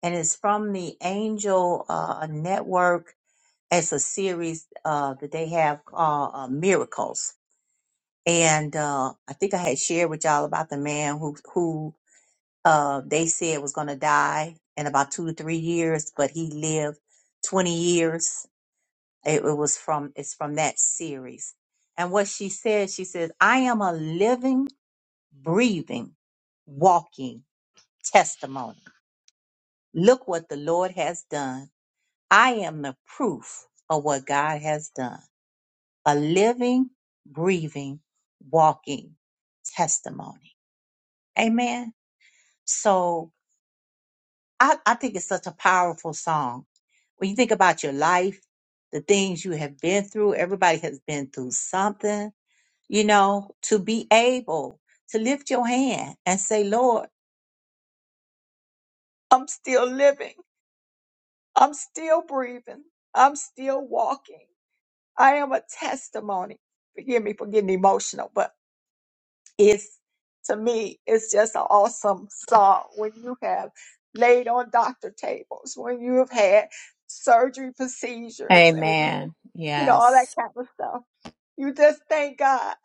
And it's from the Angel uh, Network. It's a series uh, that they have called uh, Miracles. and uh, I think I had shared with y'all about the man who who uh, they said was going to die in about two to three years, but he lived twenty years. It, it was from it's from that series, and what she said, she says, "I am a living, breathing, walking testimony. Look what the Lord has done. I am the proof of what God has done. A living, breathing, walking testimony." Amen. So I, I think it's such a powerful song. When you think about your life, the things you have been through, everybody has been through something, you know, to be able to lift your hand and say, Lord, I'm still living. I'm still breathing. I'm still walking. I am a testimony. Forgive me for getting emotional, but it's to me it's just an awesome song when you have laid on doctor tables when you have had surgery procedures and when- Amen. you know all that Yes. kind of stuff you just thank god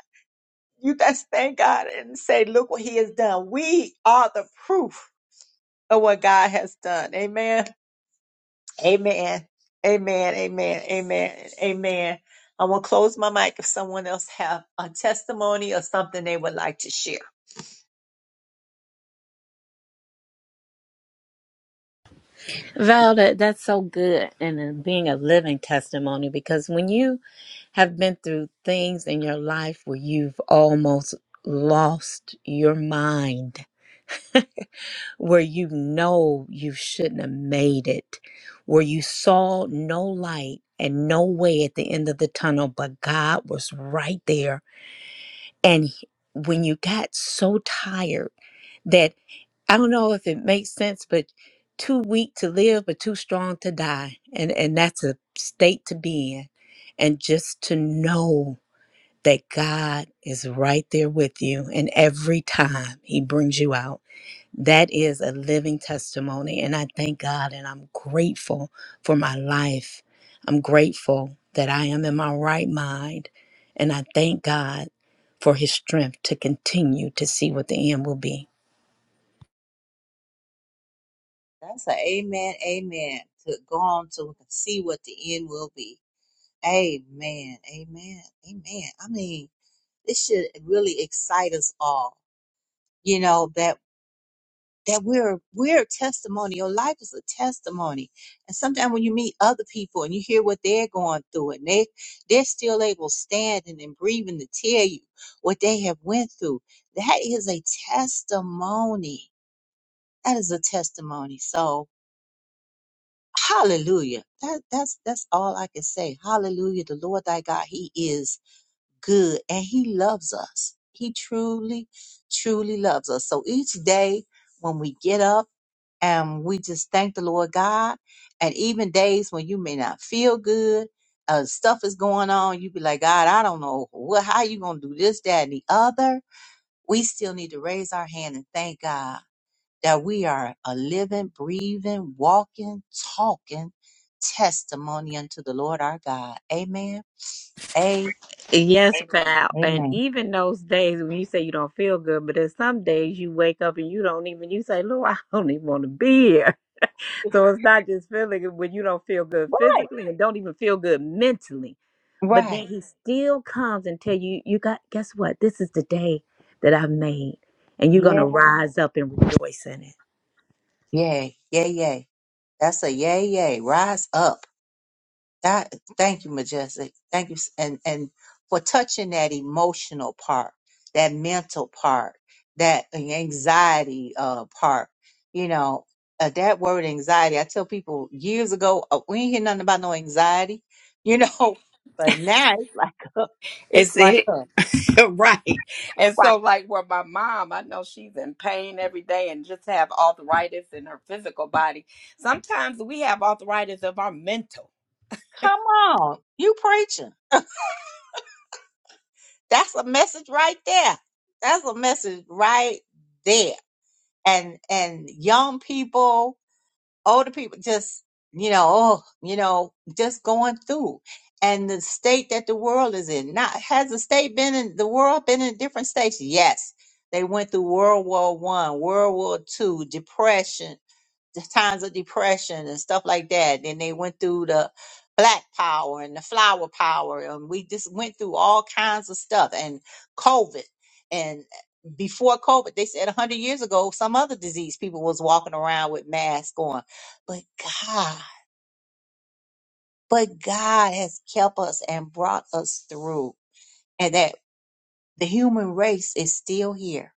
you just thank god and say look what he has done we are the proof of what god has done amen Amen. Amen. Amen. Amen. Amen. I'm gonna close my mic if someone else have a testimony or something they would like to share. Val, that, that's so good. And it being a living testimony because when you have been through things in your life where you've almost lost your mind, where you know you shouldn't have made it, where you saw no light and no way at the end of the tunnel, but God was right there. And he- when you got so tired, I don't know if it makes sense, but too weak to live, but too strong to die. And and that's a state to be in. And just to know that God is right there with you and every time he brings you out. That is a living testimony. And I thank God and I'm grateful for my life. I'm grateful that I am in my right mind. And I thank God for his strength to continue to see what the end will be. That's an amen, amen. To go on to see what the end will be. Amen, amen, amen. I mean. This should really excite us all, you know, that that we're we're a testimony. Your life is a testimony. And sometimes when you meet other people and you hear what they're going through and they they're still able standing and breathing to tell you what they have went through, that is a testimony. That is a testimony. So hallelujah. That that's that's all I can say. Hallelujah. The Lord thy God, He is good and he loves us. He truly, truly loves us. So each day when we get up and we just thank the Lord God, and even days when you may not feel good, uh, stuff is going on, you be like, God, I don't know what, how you gonna do this, that, and the other. We still need to raise our hand and thank God that we are a living, breathing, walking, talking testimony unto the Lord our God. Amen. Yes, pal. And Amen. even those days when you say you don't feel good, but there's some days you wake up and you don't even, you say, Lord, I don't even want to be here. So it's not just feeling good when you don't feel good Right. physically and don't even feel good mentally. But then Right. he still comes and tell you, you got, guess what? This is the day that I've made. And you're going Yeah. to rise up and rejoice in it. Yay. Yay. Yay. That's a yay. Yay. Rise up. That. Thank you, majestic. Thank you, s- and and for touching that emotional part, that mental part, that anxiety uh part. You know, uh, that word anxiety. I tell people years ago, uh, we ain't hear nothing about no anxiety. You know, but now it's like a, it's It's like it. a, right. And why? so, like, where my mom, I know she's in pain every day and just have arthritis in her physical body. Sometimes we have arthritis of our mental. Come on, you preaching. that's a message right there. That's a message right there. And and young people older people just you know oh you know just going through and the state that the world is in now has the state been in the world been in different states yes they went through world war one world war two depression the times of depression and stuff like that then they went through the black power and the flower power and we just went through all kinds of stuff and covid and before covid they said 100 years ago some other disease people was walking around with masks on but God, but God has kept us and brought us through, and that the human race is still here.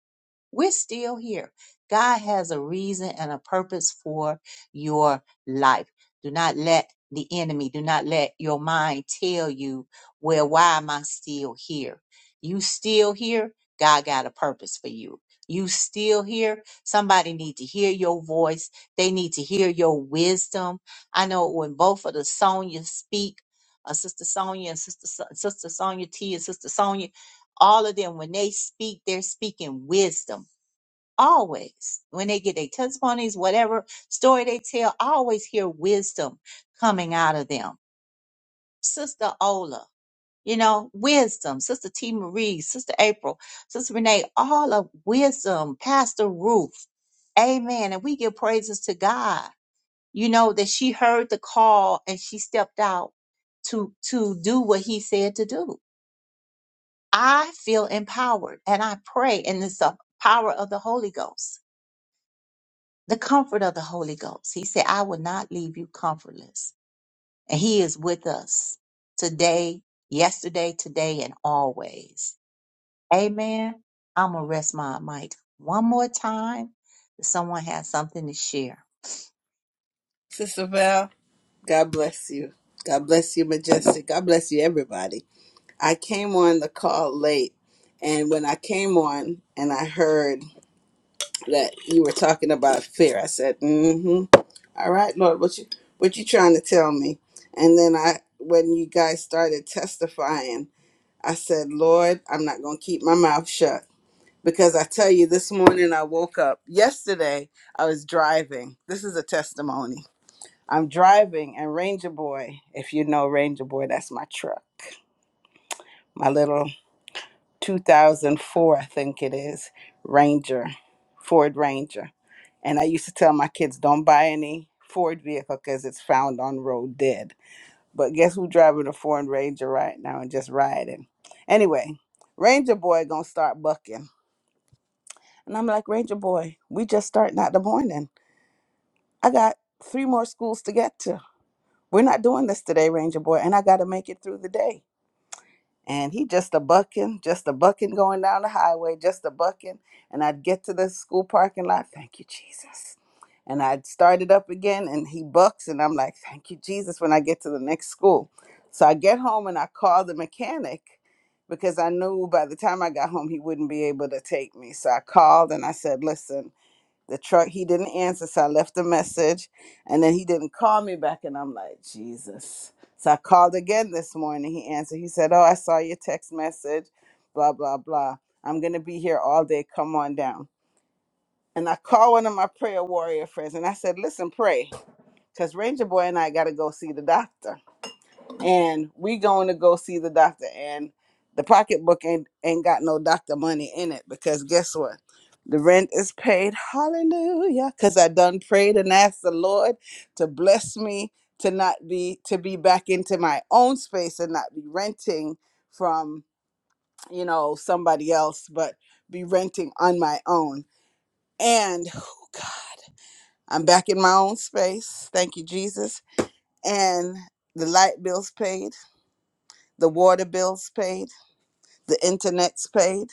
We're still here. God has a reason and a purpose for your life. Do not let the enemy, do not let your mind tell you, well, why am I still here? You still here? God got a purpose for you. You still here? Somebody need to hear your voice. They need to hear your wisdom. I know when both of the Sonia speak, uh, Sister Sonia and Sister Son- Sister Sonia T and Sister Sonia, all of them when they speak, they're speaking wisdom always when they get their testimonies whatever story they tell i always hear wisdom coming out of them sister ola you know wisdom sister t marie sister april sister renee all of wisdom pastor ruth amen and we give praises to god you know that she heard the call and she stepped out to to do what he said to do i feel empowered and i pray and it's the power of the holy ghost the comfort of the Holy Ghost. He said, I will not leave you comfortless. And He is with us today, yesterday, today, and always. Amen. I'm going to rest my mic one more time. If someone has something to share. Sister Val, God bless you. God bless you, Majestic. God bless you, everybody. I came on the call late, and when I came on and I heard that you were talking about fear, I said, "Mm-hmm. All right, Lord, what you what you trying to tell me?" And then I, when you guys started testifying, I said, "Lord, I'm not going to keep my mouth shut." Because I tell you, this morning I woke up. Yesterday I was driving. This is a testimony. I'm driving, and Ranger Boy, if you know Ranger Boy, that's my truck. My little 2004, I think it is, Ranger, Ford Ranger. And I used to tell my kids, don't buy any Ford vehicle because it's found on road dead. But guess who's driving a Ford Ranger right now and just riding? Anyway, Ranger Boy gonna start bucking. And I'm like, Ranger Boy, we just starting out the morning. I got three more schools to get to. We're not doing this today, Ranger Boy, and I gotta make it through the day. and he just a bucking, just a bucking going down the highway, just a bucking. And I'd get to the school parking lot, thank you, Jesus. And I'd start it up again, and he bucks, and I'm like, thank you, Jesus, when I get to the next school. So I get home and I call the mechanic because I knew by the time I got home, he wouldn't be able to take me. So I called and I said, listen, the truck he didn't answer so i left a message and then he didn't call me back and i'm like jesus so i called again this morning he answered he said oh i saw your text message blah blah blah i'm gonna be here all day come on down and i called one of my prayer warrior friends and i said listen pray because ranger boy and i gotta go see the doctor and we going to go see the doctor and the pocketbook ain't ain't got no doctor money in it because guess what the rent is paid hallelujah because i done prayed and asked the lord to bless me to not be to be back into my own space and not be renting from you know somebody else but be renting on my own and i'm back in my own space thank you jesus and the light bills paid the water bills paid The internet's paid.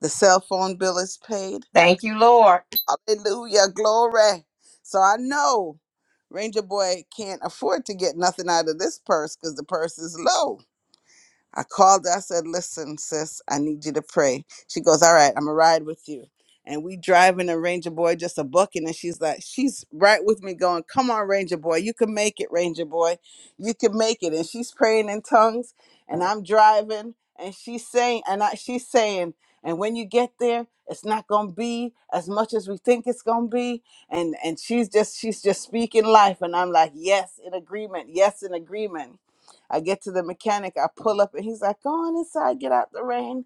The cell phone bill is paid. Thank you, Lord. Hallelujah. Glory. So I know Ranger Boy can't afford to get nothing out of this purse because the purse is low. I called her. I said, "Listen, sis, I need you to pray." She goes, "All right, I'm gonna ride with you." And we driving a Ranger Boy just a bucking, and she's like, she's right with me, going, "Come on, Ranger Boy, you can make it, Ranger Boy, you can make it." And she's praying in tongues, and I'm driving, and she's saying, and I, she's saying, and when you get there, it's not gonna be as much as we think it's gonna be, and and she's just she's just speaking life, and I'm like, yes, in agreement, yes, in agreement I get to the mechanic, I pull up, and he's like, "Go on inside, get out the rain."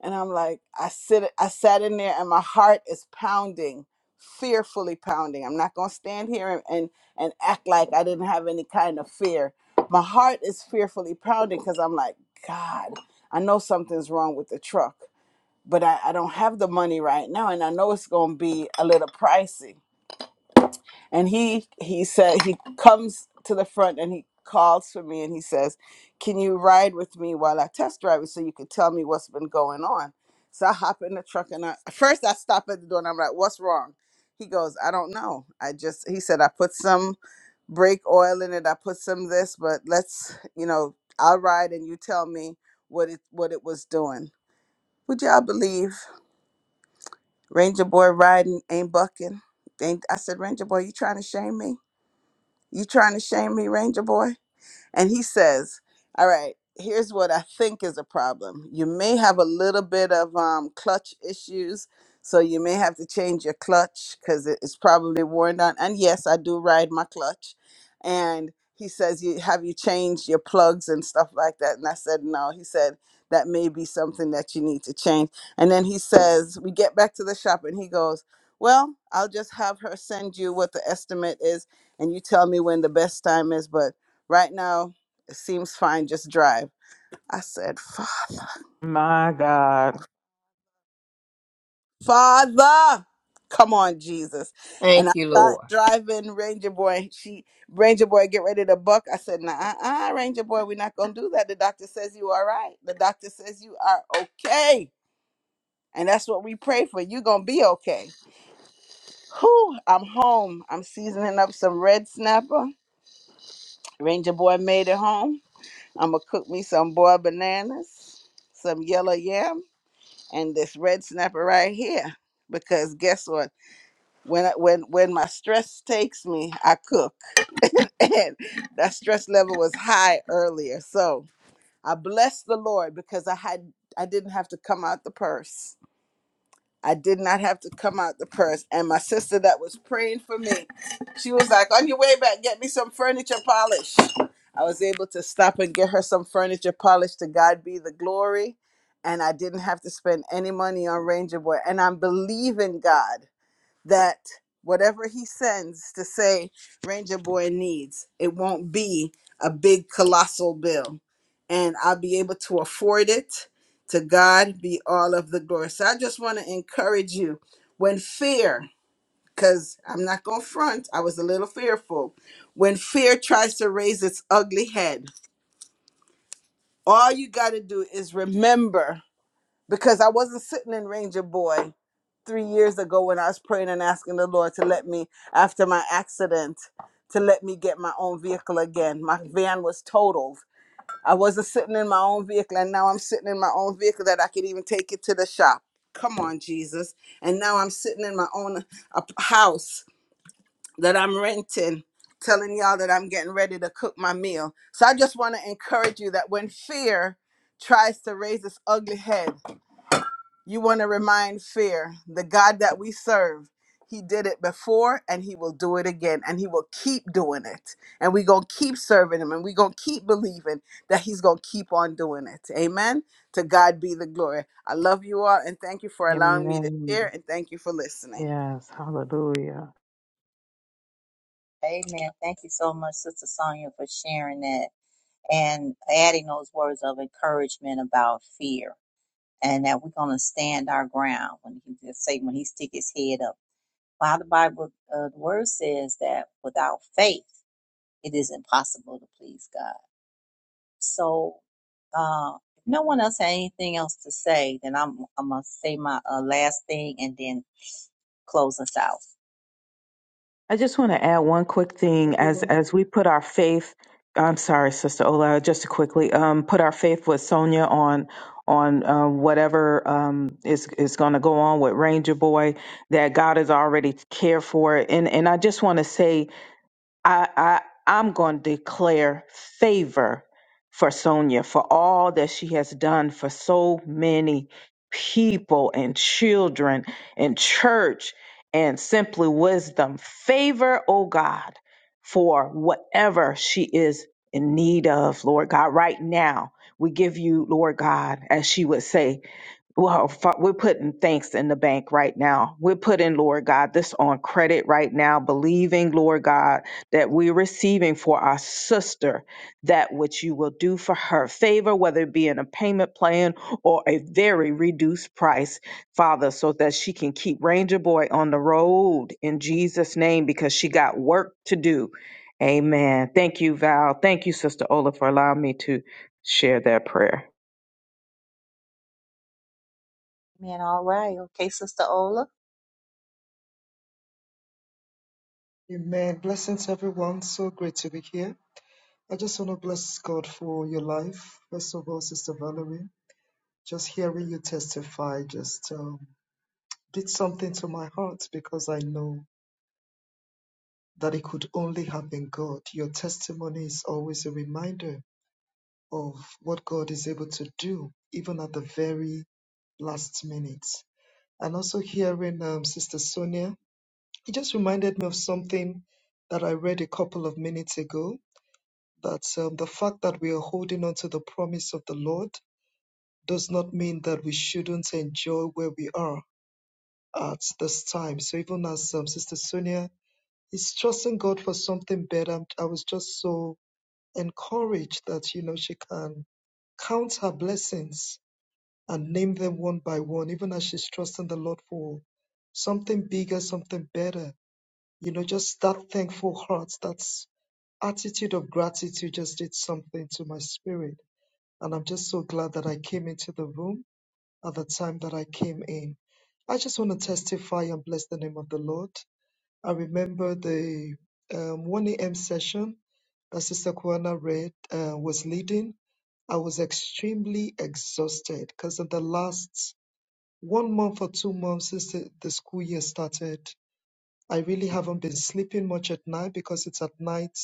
And I'm like, I sit, I sat in there, and my heart is pounding, fearfully pounding. I'm not gonna stand here and and, and act like I didn't have any kind of fear. My heart is fearfully pounding because I'm like, God, I know something's wrong with the truck, but I, I don't have the money right now, and I know it's gonna be a little pricey and he he said he comes to the front and he calls for me and he says can you ride with me while i test drive it so you can tell me what's been going on so i hop in the truck and i first i stop at the door and i'm like what's wrong he goes i don't know i just he said i put some brake oil in it i put some this but let's you know i'll ride and you tell me what it what it was doing would y'all believe ranger boy riding ain't bucking ain't i said ranger boy you trying to shame me you trying to shame me, Ranger boy? And he says, All right, here's what I think is a problem. You may have a little bit of um, clutch issues. So you may have to change your clutch because it's probably worn down. And yes, I do ride my clutch. And he says, you, Have you changed your plugs and stuff like that? And I said, No. He said, That may be something that you need to change. And then he says, We get back to the shop and he goes, Well, I'll just have her send you what the estimate is and you tell me when the best time is. But Right now, it seems fine. Just drive. I said, Father, My God. Father, come on, Jesus. And I Thank you, start Lord. driving Ranger Boy. She, Ranger Boy, get ready to buck. I said, nah, uh-uh, Ranger Boy, we're not going to do that. The doctor says you are right. The doctor says you are okay. And that's what we pray for. You're going to be okay. Whew, I'm home. I'm seasoning up some red snapper. Ranger Boy made it home. I'm going to cook me some boiled bananas, some yellow yams and this red snapper right here because guess what when I, when when my stress takes me i cook and that stress level was high earlier so i bless the lord because i had i didn't have to come out the purse I did not have to come out the purse. And my sister that was praying for me, she was like, On your way back, get me some furniture polish. I was able to stop and get her some furniture polish. To God be the glory. And I didn't have to spend any money on Ranger Boy. And I'm believing God that whatever he sends to say Ranger Boy needs, it won't be a big colossal bill. And I'll be able to afford it. To God be all of the glory. So I just want to encourage you when fear, because I'm not going to front, I was a little fearful. When fear tries to raise its ugly head, all you got to do is remember because I wasn't sitting in Ranger Boy three years ago when I was praying and asking the Lord to let me, after my accident, to let me get my own vehicle again. My van was totaled. I wasn't sitting in my own vehicle, and now I'm sitting in my own vehicle that I could even take it to the shop. Come on, Jesus. And now I'm sitting in my own uh, house that I'm renting, telling y'all that I'm getting ready to cook my meal. So I just want to encourage you that when fear tries to raise its ugly head, you want to remind fear, the God that we serve, he did it before and he will do it again and he will keep doing it. And we're going to keep serving him and we're going to keep believing that he's going to keep on doing it. Amen. To God be the glory. I love you all and thank you for allowing me to share Amen. and thank you for listening. Yes. Hallelujah. Amen. Thank you so much, Sister Sonia, for sharing that and adding those words of encouragement about fear and that we're going to stand our ground when he just say when he stick his head up. While the Bible, uh, the word says that without faith, it is impossible to please God. So, uh, if no one else had anything else to say, then I'm I'm gonna say my uh, last thing and then close us out. I just want to add one quick thing as everyone. as we put our faith. I'm sorry, Sister Ola. Just to quickly um, put our faith with Sonia on on uh, whatever um, is is going to go on with Ranger Boy. That God has already cared for it, and and I just want to say I, I I'm going to declare favor for Sonia for all that she has done for so many people and children and church and simply wisdom. Favor, oh God, for whatever she is in need of, Lord God, right now. We give you, Lord God, as she would say well, fa- we're putting thanks in the bank right now. We're putting, Lord God, this on credit right now, believing, Lord God, that we're receiving for our sister that which you will do for her favor, whether it be in a payment plan or a very reduced price, Father, so that she can keep Ranger Boy on the road in Jesus' name because she got work to do. Amen. Thank you, Val. Thank you, Sister Ola, for allowing me to share that prayer. Amen. all right, okay, Sister Ola. Amen. Blessings, everyone. So great to be here. I just want to bless God for your life. First of all, Sister Valerie, just hearing you testify just um, did something to my heart because I know that it could only happen God. Your testimony is always a reminder of what God is able to do, even at the very last minute. And also hearing um, Sister Sonia, it just reminded me of something that I read a couple of minutes ago that um, the fact that we are holding on to the promise of the Lord does not mean that we shouldn't enjoy where we are at this time. So even as um, Sister Sonia is trusting God for something better, i was just so encouraged that you know she can count her blessings and name them one by one, even as she's trusting the Lord for something bigger, something better. You know, just that thankful heart, that's attitude of gratitude just did something to my spirit. And I'm just so glad that I came into the room at the time that I came in. I just want to testify and bless the name of the Lord. I remember the um, 1 a.m. session that Sister Kwana read uh, was leading. I was extremely exhausted because in the last one month or two months since the, the school year started, I really haven't been sleeping much at night because it's at night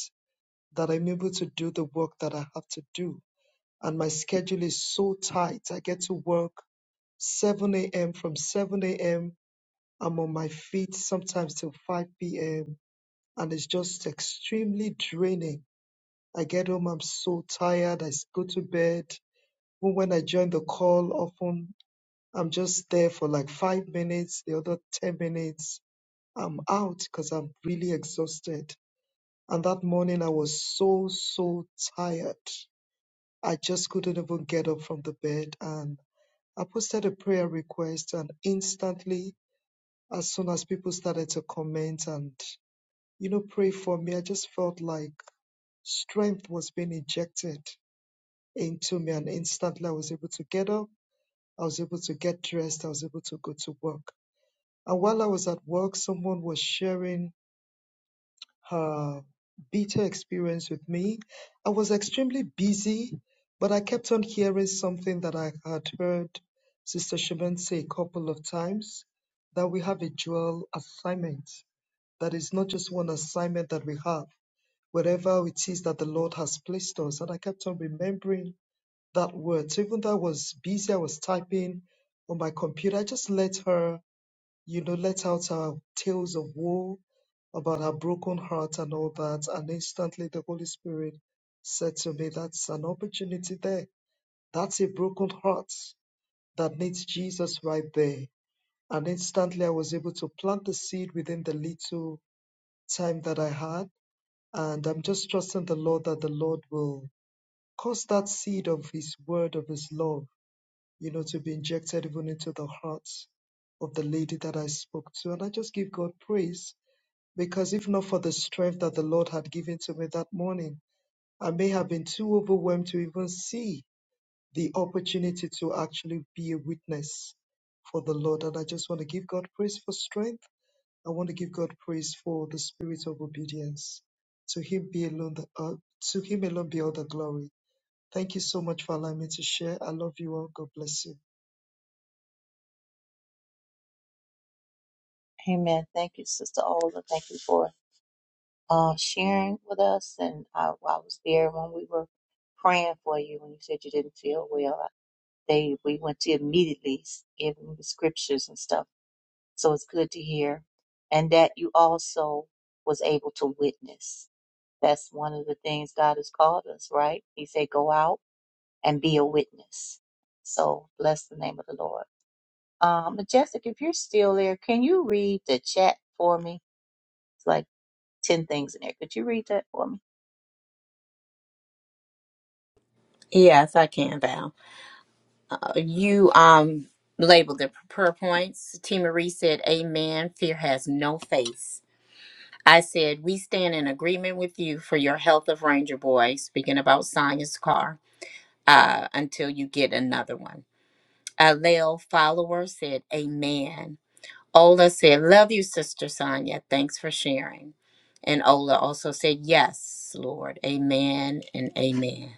that I'm able to do the work that I have to do and my schedule is so tight. I get to work 7 a.m. From 7 a.m., I'm on my feet sometimes till 5 p.m., and it's just extremely draining. I get home, I'm so tired. I s- go to bed. Even when I join the call, often I'm just there for like five minutes, the other 10 minutes, I'm out because I'm really exhausted. And that morning, I was so, so tired. I just couldn't even get up from the bed. And I posted a prayer request and instantly, as soon as people started to comment and, you know, pray for me, I just felt like strength was being injected into me. And instantly I was able to get up. I was able to get dressed. I was able to go to work. And while I was at work, someone was sharing her bitter experience with me. I was extremely busy, but I kept on hearing something that I had heard Sister Shaman say a couple of times that we have a dual assignment, that is not just one assignment that we have, wherever it is that the Lord has placed us. And I kept on remembering that word. So even though I was busy, I was typing on my computer, I just let her you know, let out our tales of woe, about our broken heart and all that. And instantly the Holy Spirit said to me, That's an opportunity there. That's a broken heart that needs Jesus right there. And instantly I was able to plant the seed within the little time that I had. And I'm just trusting the Lord that the Lord will cause that seed of His word, of His love, you know, to be injected even into the hearts of the lady that I spoke to. And I just give God praise because if not for the strength that the Lord had given to me that morning, I may have been too overwhelmed to even see the opportunity to actually be a witness for the Lord. And I just want to give God praise for strength. I want to give God praise for the spirit of obedience. To Him be alone the uh, to Him alone be all the glory. Thank you so much for allowing me to share. I love you all. God bless you. Amen. Thank you, Sister Ola. Thank you for uh, sharing with us, and I, I was there when we were praying for you when you said you didn't feel well. They we went to immediately giving the scriptures and stuff So it's good to hear. And that you also was able to witness. That's one of the things God has called us, right? He said, go out and be a witness. So bless the name of the Lord. Um, Majestic, if you're still there, can you read the chat for me? It's like 10 things in there. Could you read that for me? Yes, I can, Val. Uh, you um labeled the prayer points. T. Marie said, Amen. Fear has no face. I said, We stand in agreement with you for your health of Ranger Boy, speaking about Sonya's car, uh, until you get another one. A Lil follower said, Amen. Ola said, Love you, Sister Sonya. Thanks for sharing. And Ola also said, Yes, Lord. Amen and amen.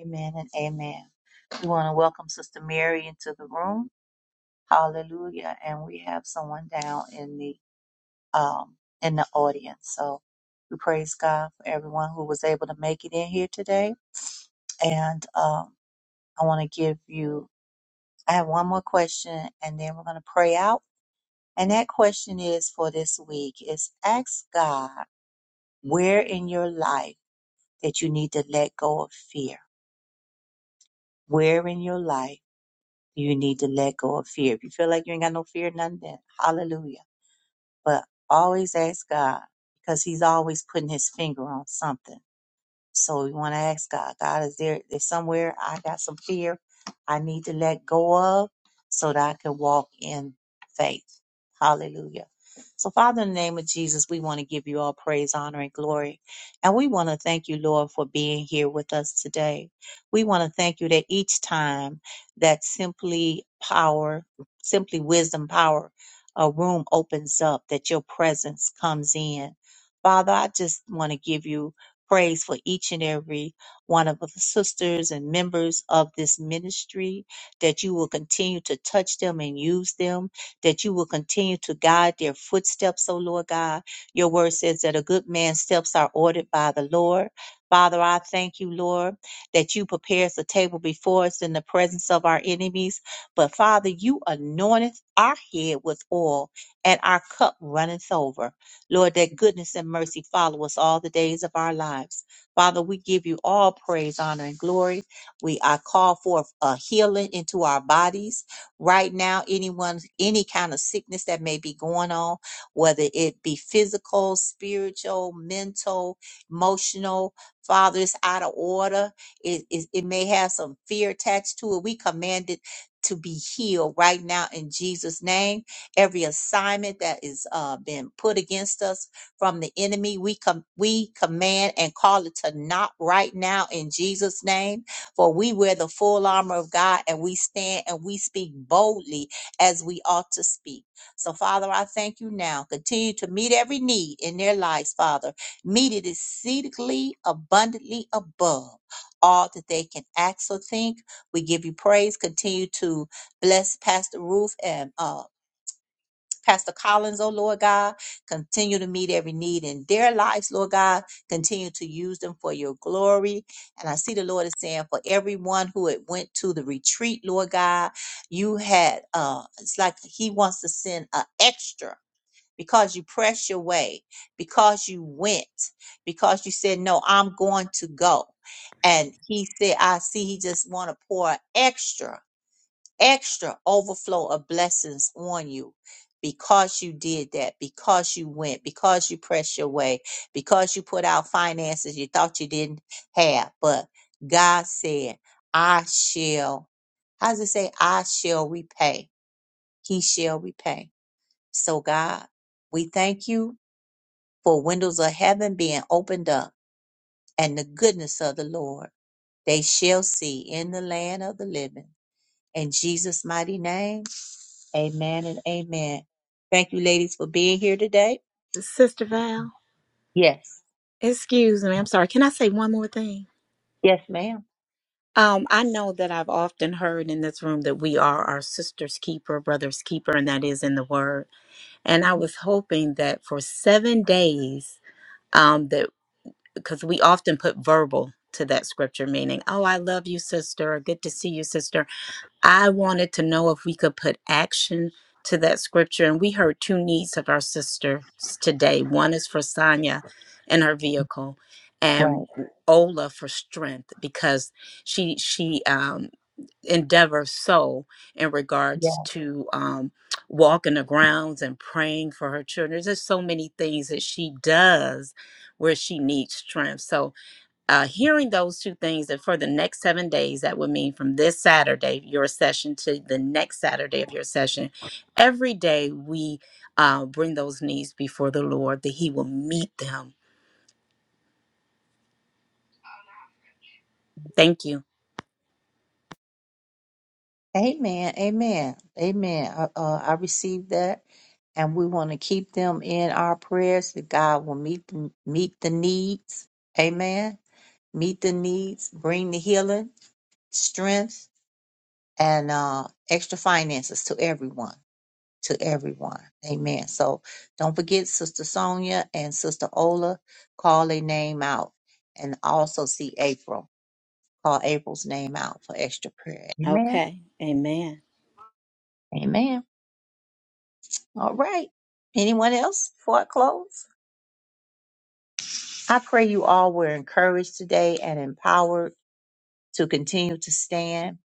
Amen and amen. We want to welcome Sister Mary into the room. Hallelujah. And we have someone down in the um in the audience. So we praise God for everyone who was able to make it in here today. And um I want to give you, I have one more question and then we're going to pray out. And that question is for this week is ask God where in your life that you need to let go of fear. Where in your life do you need to let go of fear? If you feel like you ain't got no fear, none then hallelujah. But always ask God because he's always putting his finger on something. So we want to ask God, God, is there is somewhere I got some fear I need to let go of so that I can walk in faith? Hallelujah. So, Father, in the name of Jesus, we want to give you all praise, honor, and glory. And we want to thank you, Lord, for being here with us today. We want to thank you that each time that simply power, simply wisdom power, a room opens up, that your presence comes in. Father, I just want to give you prays for each and every one of the sisters and members of this ministry, that you will continue to touch them and use them, that you will continue to guide their footsteps, O Lord God. Your word says that a good man's steps are ordered by the Lord. Father, I thank you, Lord, that you prepares the table before us in the presence of our enemies. But Father, you anointeth our head with oil, and our cup runneth over. Lord, that goodness and mercy follow us all the days of our lives. Father, we give you all praise, honor, and glory. We I call forth a healing into our bodies right now. Anyone, any kind of sickness that may be going on, whether it be physical, spiritual, mental, emotional, Father, it's out of order. It, it, it may have some fear attached to it. We command it to be healed right now in Jesus' name every assignment that is uh, been put against us from the enemy. We com- we command and call it to not right now in Jesus' name. For we wear the full armor of God and we stand and we speak boldly as we ought to speak. So, Father, I thank you now. Continue to meet every need in their lives, Father. Meet it exceedingly abundantly above all that they can act or think. We give you praise. Continue to bless Pastor Ruth and uh, Pastor Collins, oh Lord God. Continue to meet every need in their lives, Lord God. Continue to use them for your glory. And I see the Lord is saying for everyone who had went to the retreat, Lord God, you had uh it's like he wants to send an extra because you pressed your way, because you went, because you said, No, I'm going to go. And he said, I see he just want to pour extra extra overflow of blessings on you because you did that, because you went, because you pressed your way, because you put out finances you thought you didn't have. But God said, I shall, how does it say, I shall repay? He shall repay. So, God, we thank you for windows of heaven being opened up and the goodness of the Lord. They shall see in the land of the living. In Jesus' mighty name. Amen and amen. Thank you, ladies, for being here today. Sister Val, Yes. excuse me. I'm sorry. Can I say one more thing? Yes, ma'am. Um, I know that I've often heard in this room that we are our sister's keeper, brother's keeper, and that is in the word. and I was hoping that for seven days, um, that because we often put verbal to that scripture, meaning, "Oh, I love you, sister," or "Good to see you, sister." I wanted to know if we could put action to that scripture, and we heard two needs of our sisters today. One is for Sonia and her vehicle, and Right. Ola for strength because she she um, endeavor so in Yeah. regards to um, walking the grounds and praying for her children. There's so many things that she does where she needs strength. So, uh, hearing those two things that for the next seven days, that would mean from this Saturday, your session, to the next Saturday of your session, every day we uh, bring those needs before the Lord that He will meet them. Thank you. Amen. Amen. Amen. Uh, uh, I received that. And we want to keep them in our prayers that God will meet the, meet the needs. Amen. Meet the needs, bring the healing. strength and uh, extra finances to everyone. To everyone. Amen. So don't forget Sister Sonia and Sister Ola. Call a name out. And also see April. Call April's name out for extra prayer. Amen. Okay. Amen. Amen. All right. Anyone else before I close? I pray you all were encouraged today and empowered to continue to stand.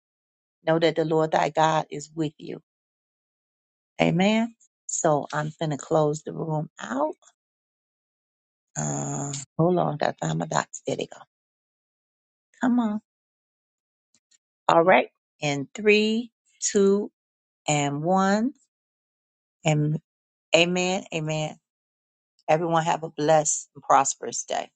Know that the Lord thy God is with you. Amen. So I'm going to close the room out. Uh, hold on, I found my dots. There they go. Come on. All right. In three, two, and one. And amen. Amen. Everyone have a blessed and prosperous day.